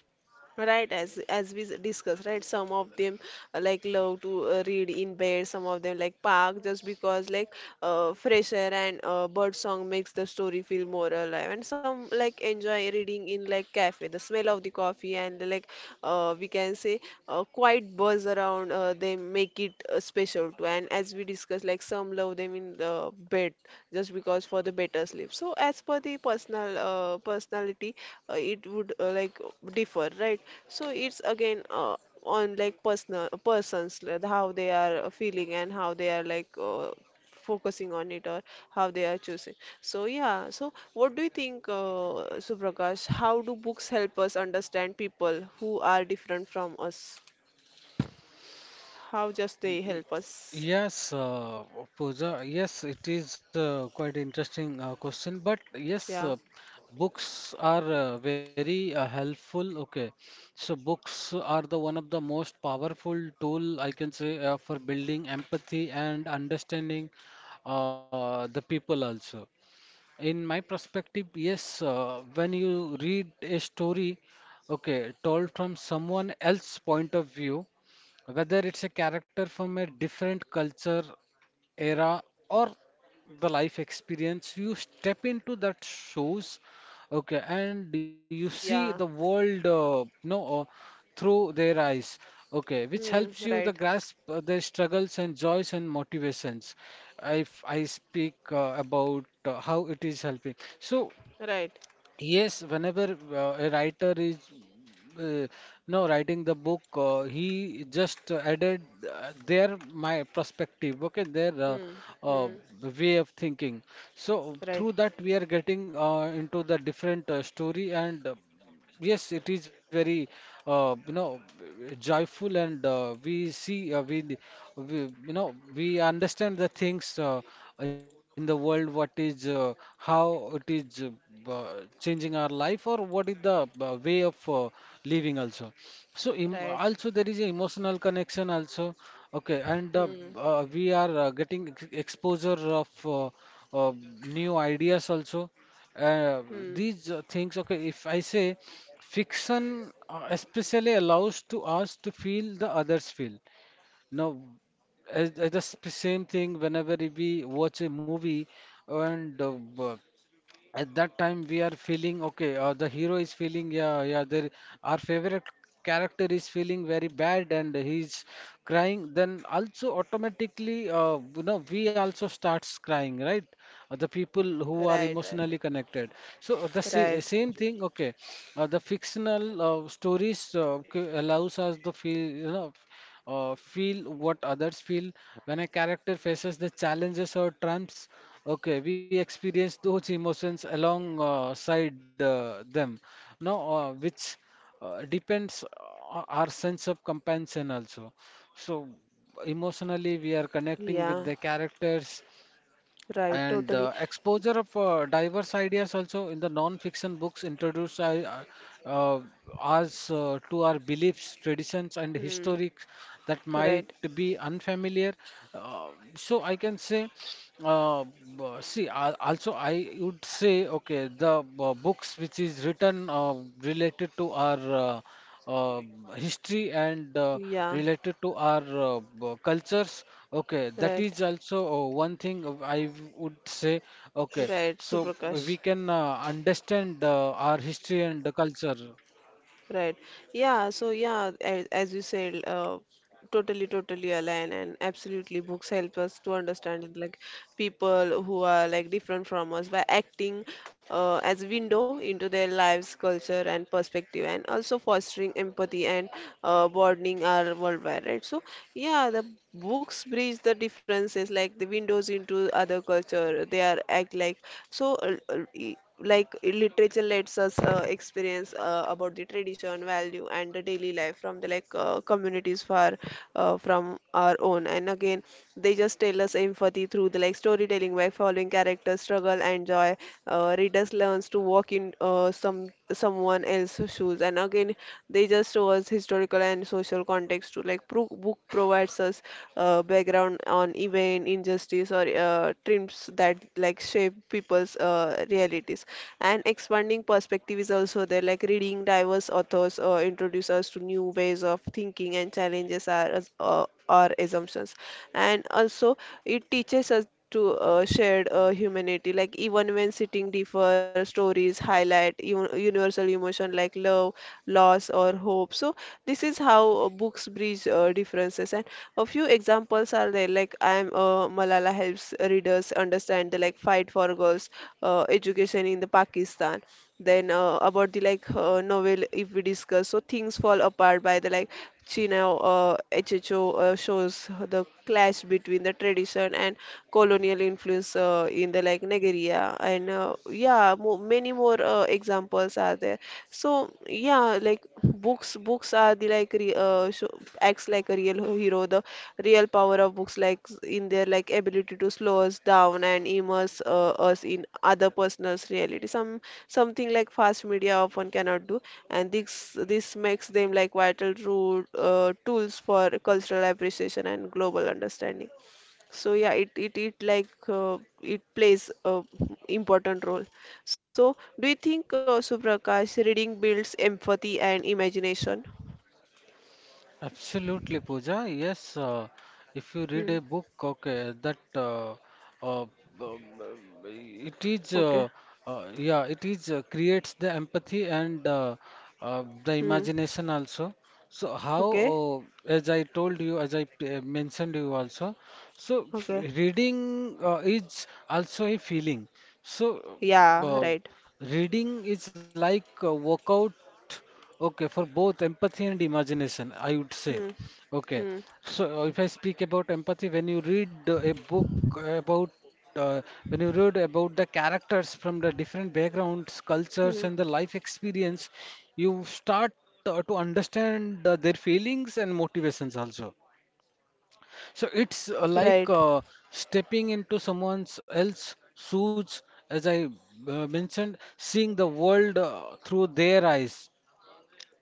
right. As as we discussed, right, some of them uh, like love to uh, read in bed, some of them like park just because like uh, fresh air and uh, bird song makes the story feel more alive, and some like enjoy reading in like cafe, the smell of the coffee and like uh, we can say uh, quiet buzz around uh, them make it uh, special too. And as we discussed, like some love them in the bed just because for the better sleep. So as per the personal uh, personality, uh, it would uh, like differ, right? So it's again uh, on like personal persons like, how they are feeling and how they are like uh, focusing on it or how they are choosing. So yeah, so what do you think, uh, Suprakash? How do books help us understand people who are different from us? How just they help Y- us? Yes, uh, Pooja. Yes, it is uh, quite interesting uh, question. But yes, Yeah, uh, books are uh, very uh, helpful. Okay, so books are the one of the most powerful tool I can say uh, for building empathy and understanding uh, the people also. In my perspective, yes, uh, when you read a story, okay, told from someone else's point of view, whether it's a character from a different culture, era, or the life experience, you step into that shows, okay, and you see the yeah. world, uh, no, uh, through their eyes, okay, which helps Hmm, you the right, grasp uh, their struggles and joys and motivations if I speak uh, about uh, how it is helping. So, right. yes, whenever uh, a writer is uh, now writing the book, uh, he just uh, added uh, their my perspective, okay, their uh, Hmm, uh, hmm. way of thinking. So, Right, through that, we are getting uh, into the different uh, story and uh, yes, it is very, uh, you know, joyful, and uh, we see, uh, we, we, you know, we understand the things uh, in the world. What is, uh, how it is uh, uh, changing our life, or what is the uh, way of uh, living also. So, em right. also there is a emotional connection also. Okay, and uh, Hmm. uh, we are uh, getting ex exposure of uh, uh, new ideas also. Uh, Hmm. these uh, things. Okay, if I say. Fiction uh, especially allows to us to feel the others feel. Now, as, as the sp- same thing whenever we watch a movie and uh, b- at that time we are feeling okay, uh, the hero is feeling, yeah yeah there our favorite character is feeling very bad and he's crying, then also automatically uh, you know we also starts crying, right? Uh, the people who are Right, right. emotionally connected, so uh, the sa Right, same thing okay, uh, the fictional uh, stories uh, c- allows us the feel you know uh, feel what others feel when a character faces the challenges or trumps. Okay, we experience those emotions alongside uh, them. Now, uh, which uh, depends o- our sense of compassion also. So emotionally, we are connecting yeah, with the characters right, and totally. uh, exposure of uh, diverse ideas also in the non-fiction books introduce uh, uh, us uh, to our beliefs, traditions, and Hmm. historics that might Right, be unfamiliar. Uh, so I can say, uh, b- see, al- also I would say, okay, the uh, books which is written uh, related to our uh, uh, history and uh, yeah, related to our uh, b- cultures. Okay, that right, is also uh, one thing uh, I w- would say. Okay, right, so Suprakash. we can uh, understand uh, our history and the culture. Right. Yeah, so yeah, as, as you said, uh, totally, totally align, and absolutely books help us to understand like people who are like different from us by acting uh, as window into their lives, culture, and perspective, and also fostering empathy and uh, broadening our worldwide, right? So yeah, the books bridge the differences like the windows into other culture. They are act like so uh, uh, like literature lets us uh, experience uh, about the tradition value and the daily life from the like uh, communities far uh, from our own. And again, they just tell us empathy through the like storytelling. By following characters struggle and joy uh, readers learns to walk in uh, some someone else's shoes. And again, they just show us historical and social context to like pro book provides us uh, background on event, injustice or uh, trims that like shape people's uh, realities. And expanding perspective is also there, like reading diverse authors uh, introduce us to new ways of thinking and challenges our, as- uh, our assumptions. And also it teaches us to uh, shared uh, humanity, like even when sitting differ stories highlight un- universal emotion like love, loss, or hope. So this is how uh, books bridge uh, differences. And a few examples are there, like I am uh, Malala helps readers understand the like fight for girls uh, education in the Pakistan. Then uh, about the like uh, novel, if we discuss, so things fall apart by the like Chino uh, H H O uh, shows the clash between the tradition and colonial influence uh, in the like Nigeria. And uh, yeah, mo many more uh, examples are there. So yeah, like books, books are the like re, uh, show, acts like a real hero. The real power of books, like in their like ability to slow us down and immerse uh, us in other person's reality. Some something like fast media often cannot do, and this this makes them like vital rule, uh, tools for cultural appreciation and global understanding. So yeah, it it it like uh, it plays a important role. So do you think uh, Suprakash reading builds empathy and imagination? Absolutely, Pooja. Yes, uh, if you read a Hmm. book, okay, that uh, uh, um, uh, it is, uh, Okay. uh, yeah, it is uh, creates the empathy and uh, uh, the Hmm. imagination also. So how, Okay. uh, as I told you, as I uh, mentioned you also, so f Okay. reading uh, is also a feeling. So Yeah. uh, Right. reading is like a workout, okay, for both empathy and imagination, I would say. Hmm. Okay, Hmm. so uh, if I speak about empathy, when you read uh, a book about uh, when you read about the characters from the different backgrounds, cultures, Hmm. and the life experience, you start uh, to understand uh, their feelings and motivations also. So it's uh, like Right. uh, stepping into someone else's shoes, as I uh, mentioned, seeing the world uh, through their eyes.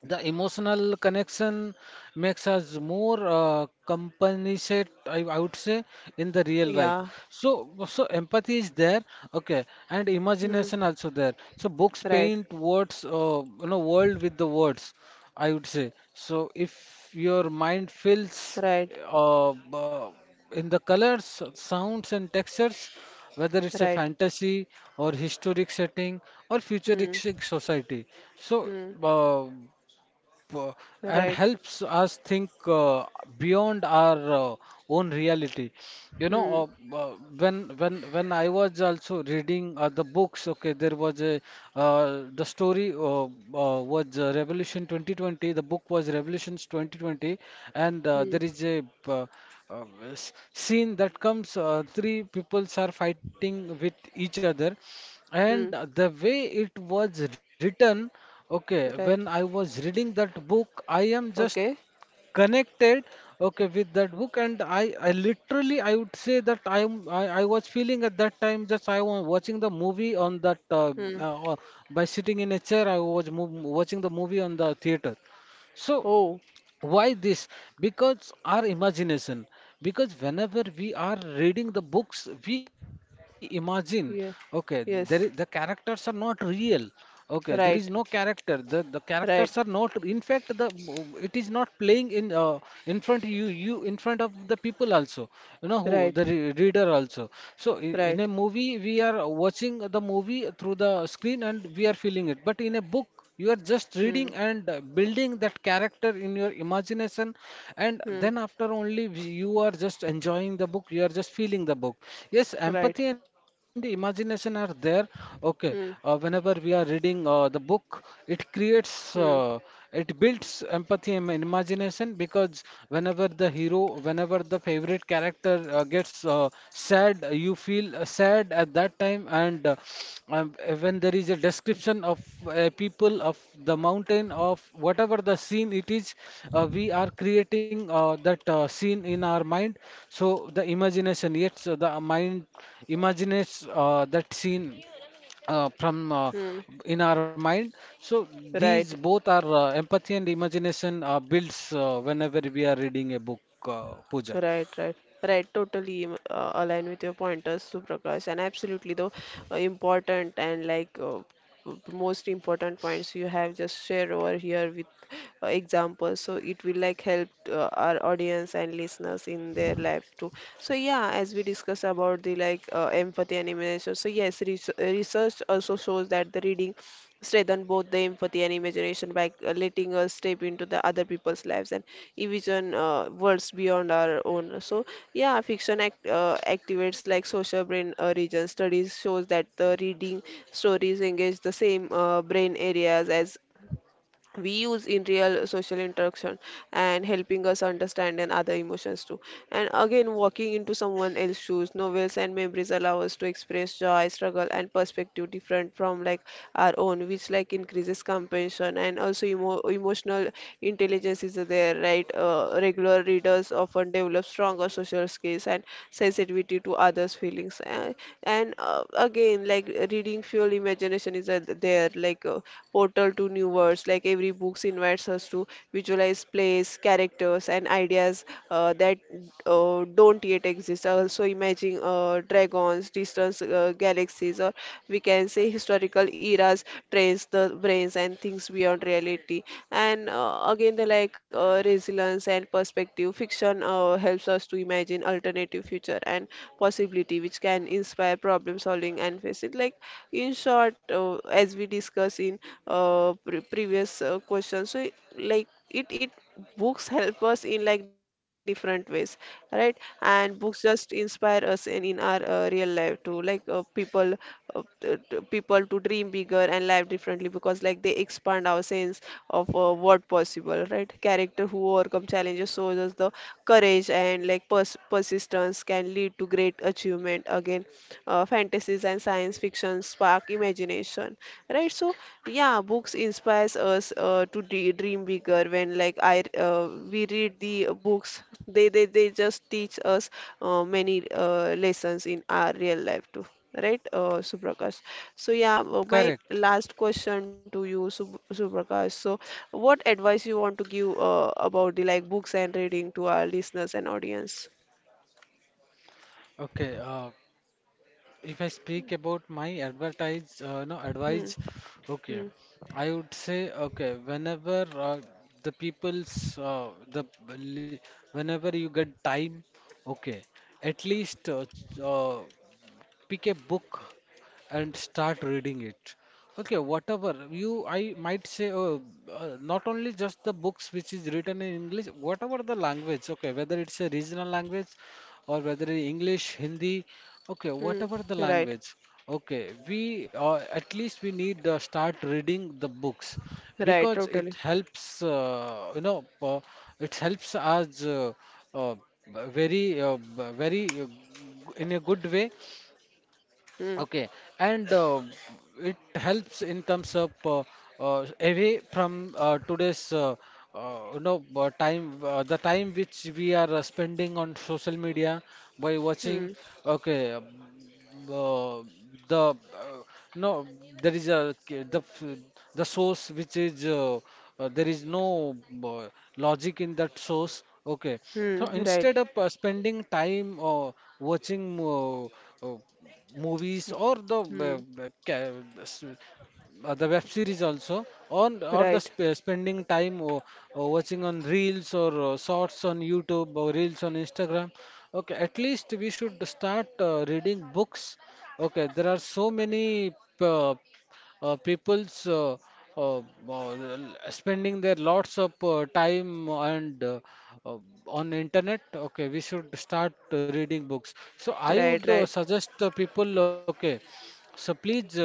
The emotional connection makes us more uh, compensate, I, I would say, in the real life. Yeah. So, so empathy is there, okay, and Hmm. imagination also there. So books Right. paint words, uh, you know, world with the words, I would say. So if your mind fills Right. uh, uh, in the colors, sounds, and textures, whether it's a Right. fantasy or historic setting or Hmm. futuristic society. So, Hmm. uh, uh, and Right. helps us think uh, beyond our uh, own reality. You know, Hmm. uh, uh, when when when I was also reading uh, the books, okay, there was a uh, the story uh, uh, was uh, Revolution twenty twenty. The book was Revolutions twenty twenty, and uh, Hmm. there is a uh, uh, s- scene that comes. Uh, three peoples are fighting with each other, and uh, Hmm. the way it was written, okay, when Right. I was reading that book, I am just Okay. connected, okay, with that book, and I, I literally, I would say that I am I, I was feeling at that time. Just I was watching the movie on that uh, Hmm. uh, by sitting in a chair, I was mov watching the movie on the theater. So Oh. why this? Because our imagination. Because whenever we are reading the books, we imagine, okay, Yeah. there is, the Yes. characters are not real. Okay, there is no Right, character. The the characters are not. right, In fact, the it is not playing in uh, in front of you you in front of the people also. You know, who right, the re reader also. So i- in right. a movie, we are watching the movie through the screen and we are feeling it. But in a book, you are just Hmm, reading and uh, building that character in your imagination, and hmm, then after only we- you are just enjoying the book, you are just feeling the book. Yes, right, empathy and imagination are there. Okay, uh, hmm, whenever we are reading uh, the book, it creates hmm, uh, it builds empathy and imagination, because whenever the hero, whenever the favorite character uh, gets uh, sad, you feel uh, sad at that time. And uh, um, when there is a description of uh, people, of the mountain, of whatever the scene it is, uh, we are creating uh, that uh, scene in our mind. So the imagination, yes, so the mind imagines uh, that scene uh, from uh, hmm, in our mind. So these right, both are uh, empathy and imagination uh, builds uh, whenever we are reading a book, uh, Pooja. right, right, right. Totally um, uh, align with your pointers, Suprakash, and absolutely the uh, important and like uh, p- p- most important points you have just shared over here with uh, examples. So it will like help uh, our audience and listeners in their life too. So yeah, as we discussed about the like uh, empathy and imagination. So yes, res research also shows that the reading strengthen both the empathy and imagination by uh, letting us step into the other people's lives and envision uh, worlds beyond our own. So yeah, fiction act, uh, activates like social brain uh, regions. Studies shows that the reading stories engage the same uh, brain areas as we use in real social interaction and helping us understand and other emotions too. And again walking into someone else's shoes, novels and memories allow us to express joy, struggle, and perspective different from like our own, which like increases compassion. And also emo- emotional intelligence is there, right? Uh, regular readers often develop stronger social skills and sensitivity to others feelings. and, and uh, again like reading fuel imagination is uh, there there, like a portal to new worlds. Like every books invites us to visualize place, characters, and ideas uh, that uh, don't yet exist. Also, imagine uh, dragons, distant uh, galaxies, or we can say historical eras, trains the brains and things beyond reality. And uh, again, the like uh, resilience and perspective. Fiction uh, helps us to imagine alternative future and possibility, which can inspire problem solving and facing address it. Like in short, uh, as we discussed in uh, pre previous uh, question, so it- like it it books help us in like different ways, right? And books just inspire us and in our uh, real life too. Like uh, people uh, t- t- people to dream bigger and live differently because like they expand our sense of uh, what possible, right? Character who overcome challenges shows us the courage, and like pers- persistence can lead to great achievements. Entertainment, again, uh, fantasies and science fiction spark imagination, right? So, yeah, books inspires us uh, to dre- dream bigger. When like I, uh, we read the uh, books, they they they just teach us uh, many uh, lessons in our real life too. Right, uh, Suprakash. So yeah, uh, my Correct. last question to you, Sub Suprakash. So, what advice you want to give uh, about the like books and reading to our listeners and audience? Okay. Uh, if I speak about my advertise, uh, no Hmm. advice. Okay, Hmm. I would say, okay. Whenever uh, the people's uh, the li- whenever you get time, okay, at least uh, ch- uh, pick a book and start reading it. Okay, whatever you, I might say, uh, uh, not only just the books which is written in English, whatever the language, okay, whether it's a regional language or whether in English, Hindi, okay, Hmm. whatever the Right. language, okay, we uh, at least we need to start reading the books, Right. because it Totally. helps, uh, you know, uh, it helps us uh, uh, b- very, uh, b- very, uh, g- in a good way. Hmm. Okay, and uh, it helps in terms of uh, uh, away from uh, today's uh, uh, you know uh, time, uh, the time which we are uh, spending on social media by Hmm. watching. Okay, uh, the uh, no, there is a k- the f- the source which is uh, uh, there is no uh, logic in that source. Okay, Hmm. so Right. instead of uh, spending time uh, watching uh, uh, movies or the Hmm. uh, uh, ca- s- uh, the web series, also on or the Right. sp- spending time or, watching on reels or uh, shorts on youtube or reels on instagram. Okay, at least we should start uh, reading books. Okay, there are so many uh, uh, people's uh, uh, uh, spending their lots of uh, time and uh, uh, on internet. Okay, we should start reading books. So I would Right. uh, Right. suggest uh, people. Okay, so please. Uh,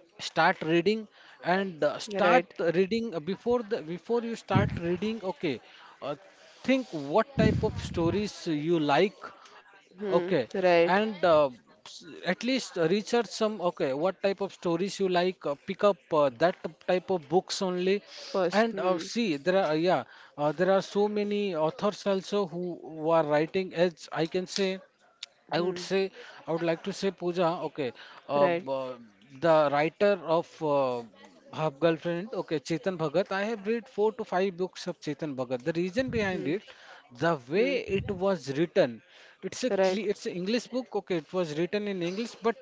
Start reading, and uh, start Right. reading, uh, before the before you start reading, okay, uh, think what type of stories you like. Okay, Hmm. and Right. uh, s- at least research some, okay, what type of stories you like. Uh, pick up uh, that type of books only, First. and uh, Hmm. see. There are, yeah, uh, there are so many authors also who, who are writing. As I can say, I would Hmm. say, I would like to say, Pooja, okay, uh, b- Right. uh, the writer of uh, Half Girlfriend, okay, Chetan Bhagat. I have read four to five books of Chetan Bhagat. The reason behind Hmm. it, the way Hmm. it was written, it's a cle Right. it's an English book, okay, it was written in English, but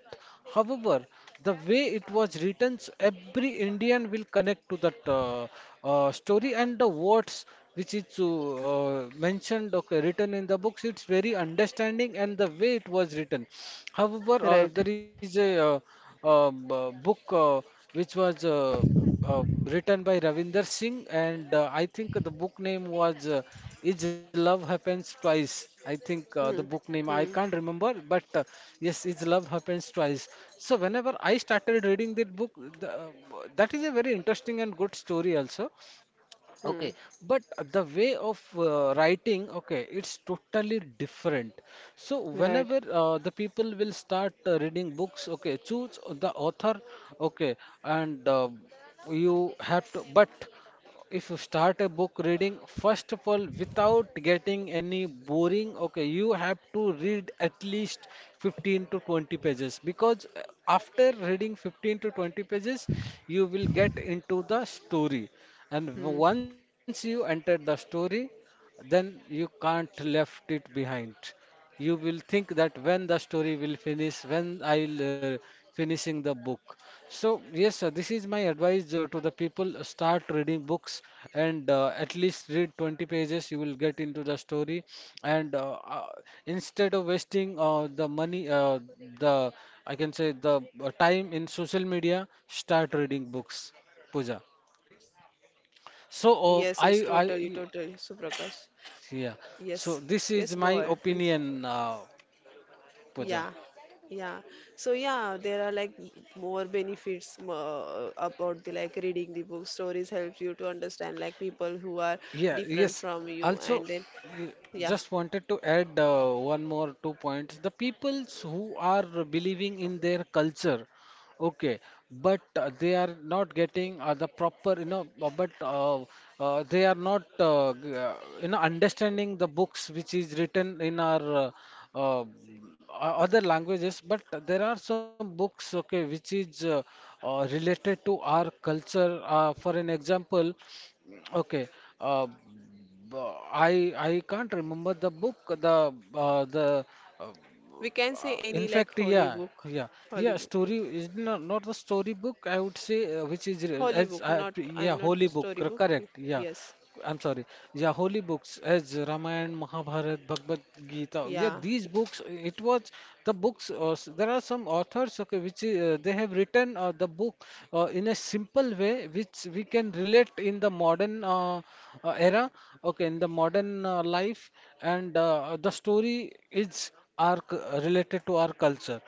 however, the way it was written, so every Indian will connect to that uh, uh, story and the words which is to, uh, mentioned, okay, written in the books. It's very understanding, and the way it was written, however, uh, Right. there is a uh, uh, b- book uh, which was uh, uh, written by Ravinder Singh, and uh, I think the book name was, uh, Is Love Happens Twice. I think uh, the Hmm. book name I Hmm. can't remember, but uh, yes, Is Love Happens Twice. So whenever I started reading that book, the, uh, that is a very interesting and good story also. Hmm. Okay, but the way of uh, writing, okay, it's totally different. So Right. whenever uh, the people will start uh, reading books, okay, choose the author, okay, and uh, you have to. But if you start a book reading, first of all, without getting any boring, okay, you have to read at least fifteen to twenty pages, because uh, after reading fifteen to twenty pages, you will get into the story, and Hmm. once you enter the story, then you can't left it behind. You will think that when the story will finish, when I'll uh, finishing the book. So yes sir, this is my advice uh, to the people. Uh, start reading books, and uh, at least read twenty pages. You will get into the story, and uh, uh, instead of wasting uh, the money, uh, the I can say, the uh, time in social media. Start reading books, Pooja. So uh, Yes. I Yes. Totally. I Totally. Suprakash. yeah. Yes. So this Yes. is Go my ahead, please. opinion, uh, Pooja. Yeah, yeah. So yeah, there are like more benefits uh, about the like reading the book. Stories help you to understand like people who are Yeah, different yes. from you, Also, and then y- yeah, just wanted to add uh, one more two points. The peoples who are believing in their culture, okay, but uh, they are not getting uh, the proper, you know, uh, but uh, uh, they are not, uh, g- uh, you know, understanding the books which is written in our uh, uh, o- other languages. But there are some books, okay, which is uh, uh, related to our culture. Uh, for an example. Okay. Uh, b- I I can't remember the book. The uh, the uh, we can uh, say in any fact, like holy yeah, book, yeah, yeah. holy book, Story is not not the story book. I would say, uh, which is re- holy book. as Not, I, pre- I'm yeah, not a holy book. story cor- book. Correct. Yeah. Yes, I'm sorry. Yeah, holy books as Ramayana, Mahabharata, Bhagavad Gita. Yeah, yeah, these books. It was the books. Uh, s- there are some authors, okay, which uh, they have written uh, the book uh, in a simple way, which we can relate in the modern uh, uh, era. Okay, in the modern uh, life, and uh, the story is our c- related to our culture.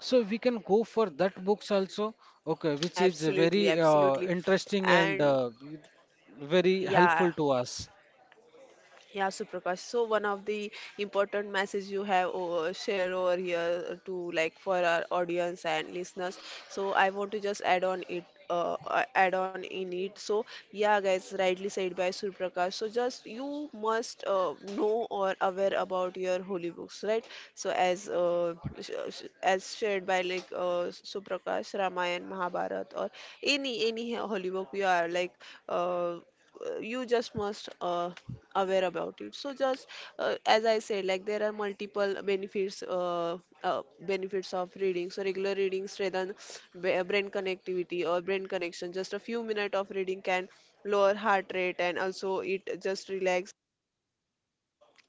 So we can go for that books also. Okay, which is absolutely, very uh, absolutely, interesting and and uh, very yeah, helpful to us. Yeah, Suprakash. So one of the important message you have over, share over here to like for our audience and listeners. So I want to just add on it, uh, uh, add on in it. So yeah, guys, rightly said by Suprakash. So just you must uh, know or aware about your holy books, right? So as uh, sh- sh- as shared by like uh, Suprakash, Ramayana, Mahabharata, or any any holy book you are like uh, uh, you just must uh, aware about it. So just uh, as I said, like there are multiple benefits uh, uh, benefits of reading. So regular reading strengthen b- uh, brain connectivity or brain connection. Just a few minutes of reading can lower heart rate and also it just relax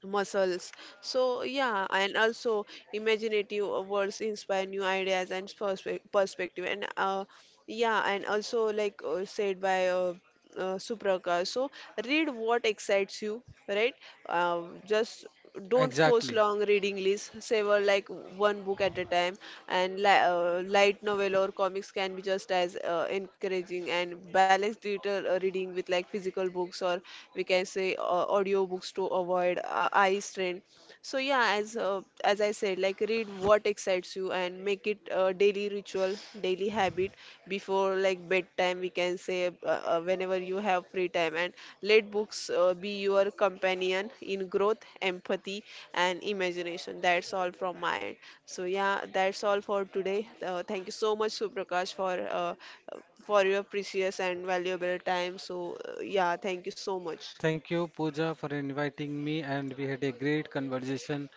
muscles. So yeah, and also imaginative words inspire new ideas and perspe- perspective. And uh, yeah, and also like uh, said by uh, uh, Suprakash, so read what excites you, right? Uh, just don't force Exactly. long reading lists, savor like one book at a time. And li uh, light novel or comics can be just as uh, encouraging, and balance digital uh, reading with like physical books, or we can say uh, audio books to avoid uh, eye strain. So yeah, as uh, as I said, like read what excites you and make it a daily ritual, daily habit. Before like bedtime, we can say uh, uh, whenever you have free time, and let books uh, be your companion in growth, empathy, and imagination. That's all from my end. So yeah, that's all for today. Uh, thank you so much, Suprakash, for uh, for your precious and valuable time. So uh, yeah, thank you so much. Thank you, Pooja, for inviting me, and we had a great conversation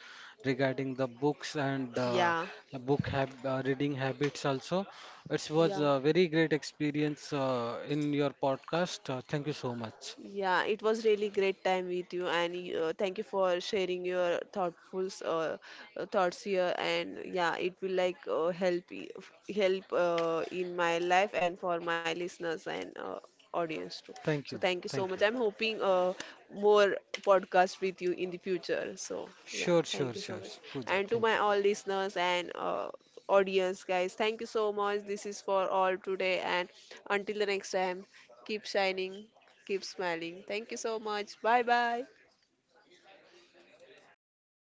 regarding the books and uh, Yeah, the book hab- uh, reading habits also. It was yeah. a very great experience uh, in your podcast. Uh, thank you so much. Yeah, it was really great time with you, and uh, thank you for sharing your thoughtful uh, uh, thoughts here. And yeah, it will like uh, help i- f- help uh, in my life and for my listeners and uh, audience too. Thank you. So thank you Thank so you. much. I'm hoping uh, more podcast with you in the future. So Sure, yeah, sure, thank you sure. so much. Pooja, And thank you. to my all listeners and uh, audience guys, thank you so much. This is for all today, and until the next time, keep shining. Keep smiling. Thank you so much. Bye bye.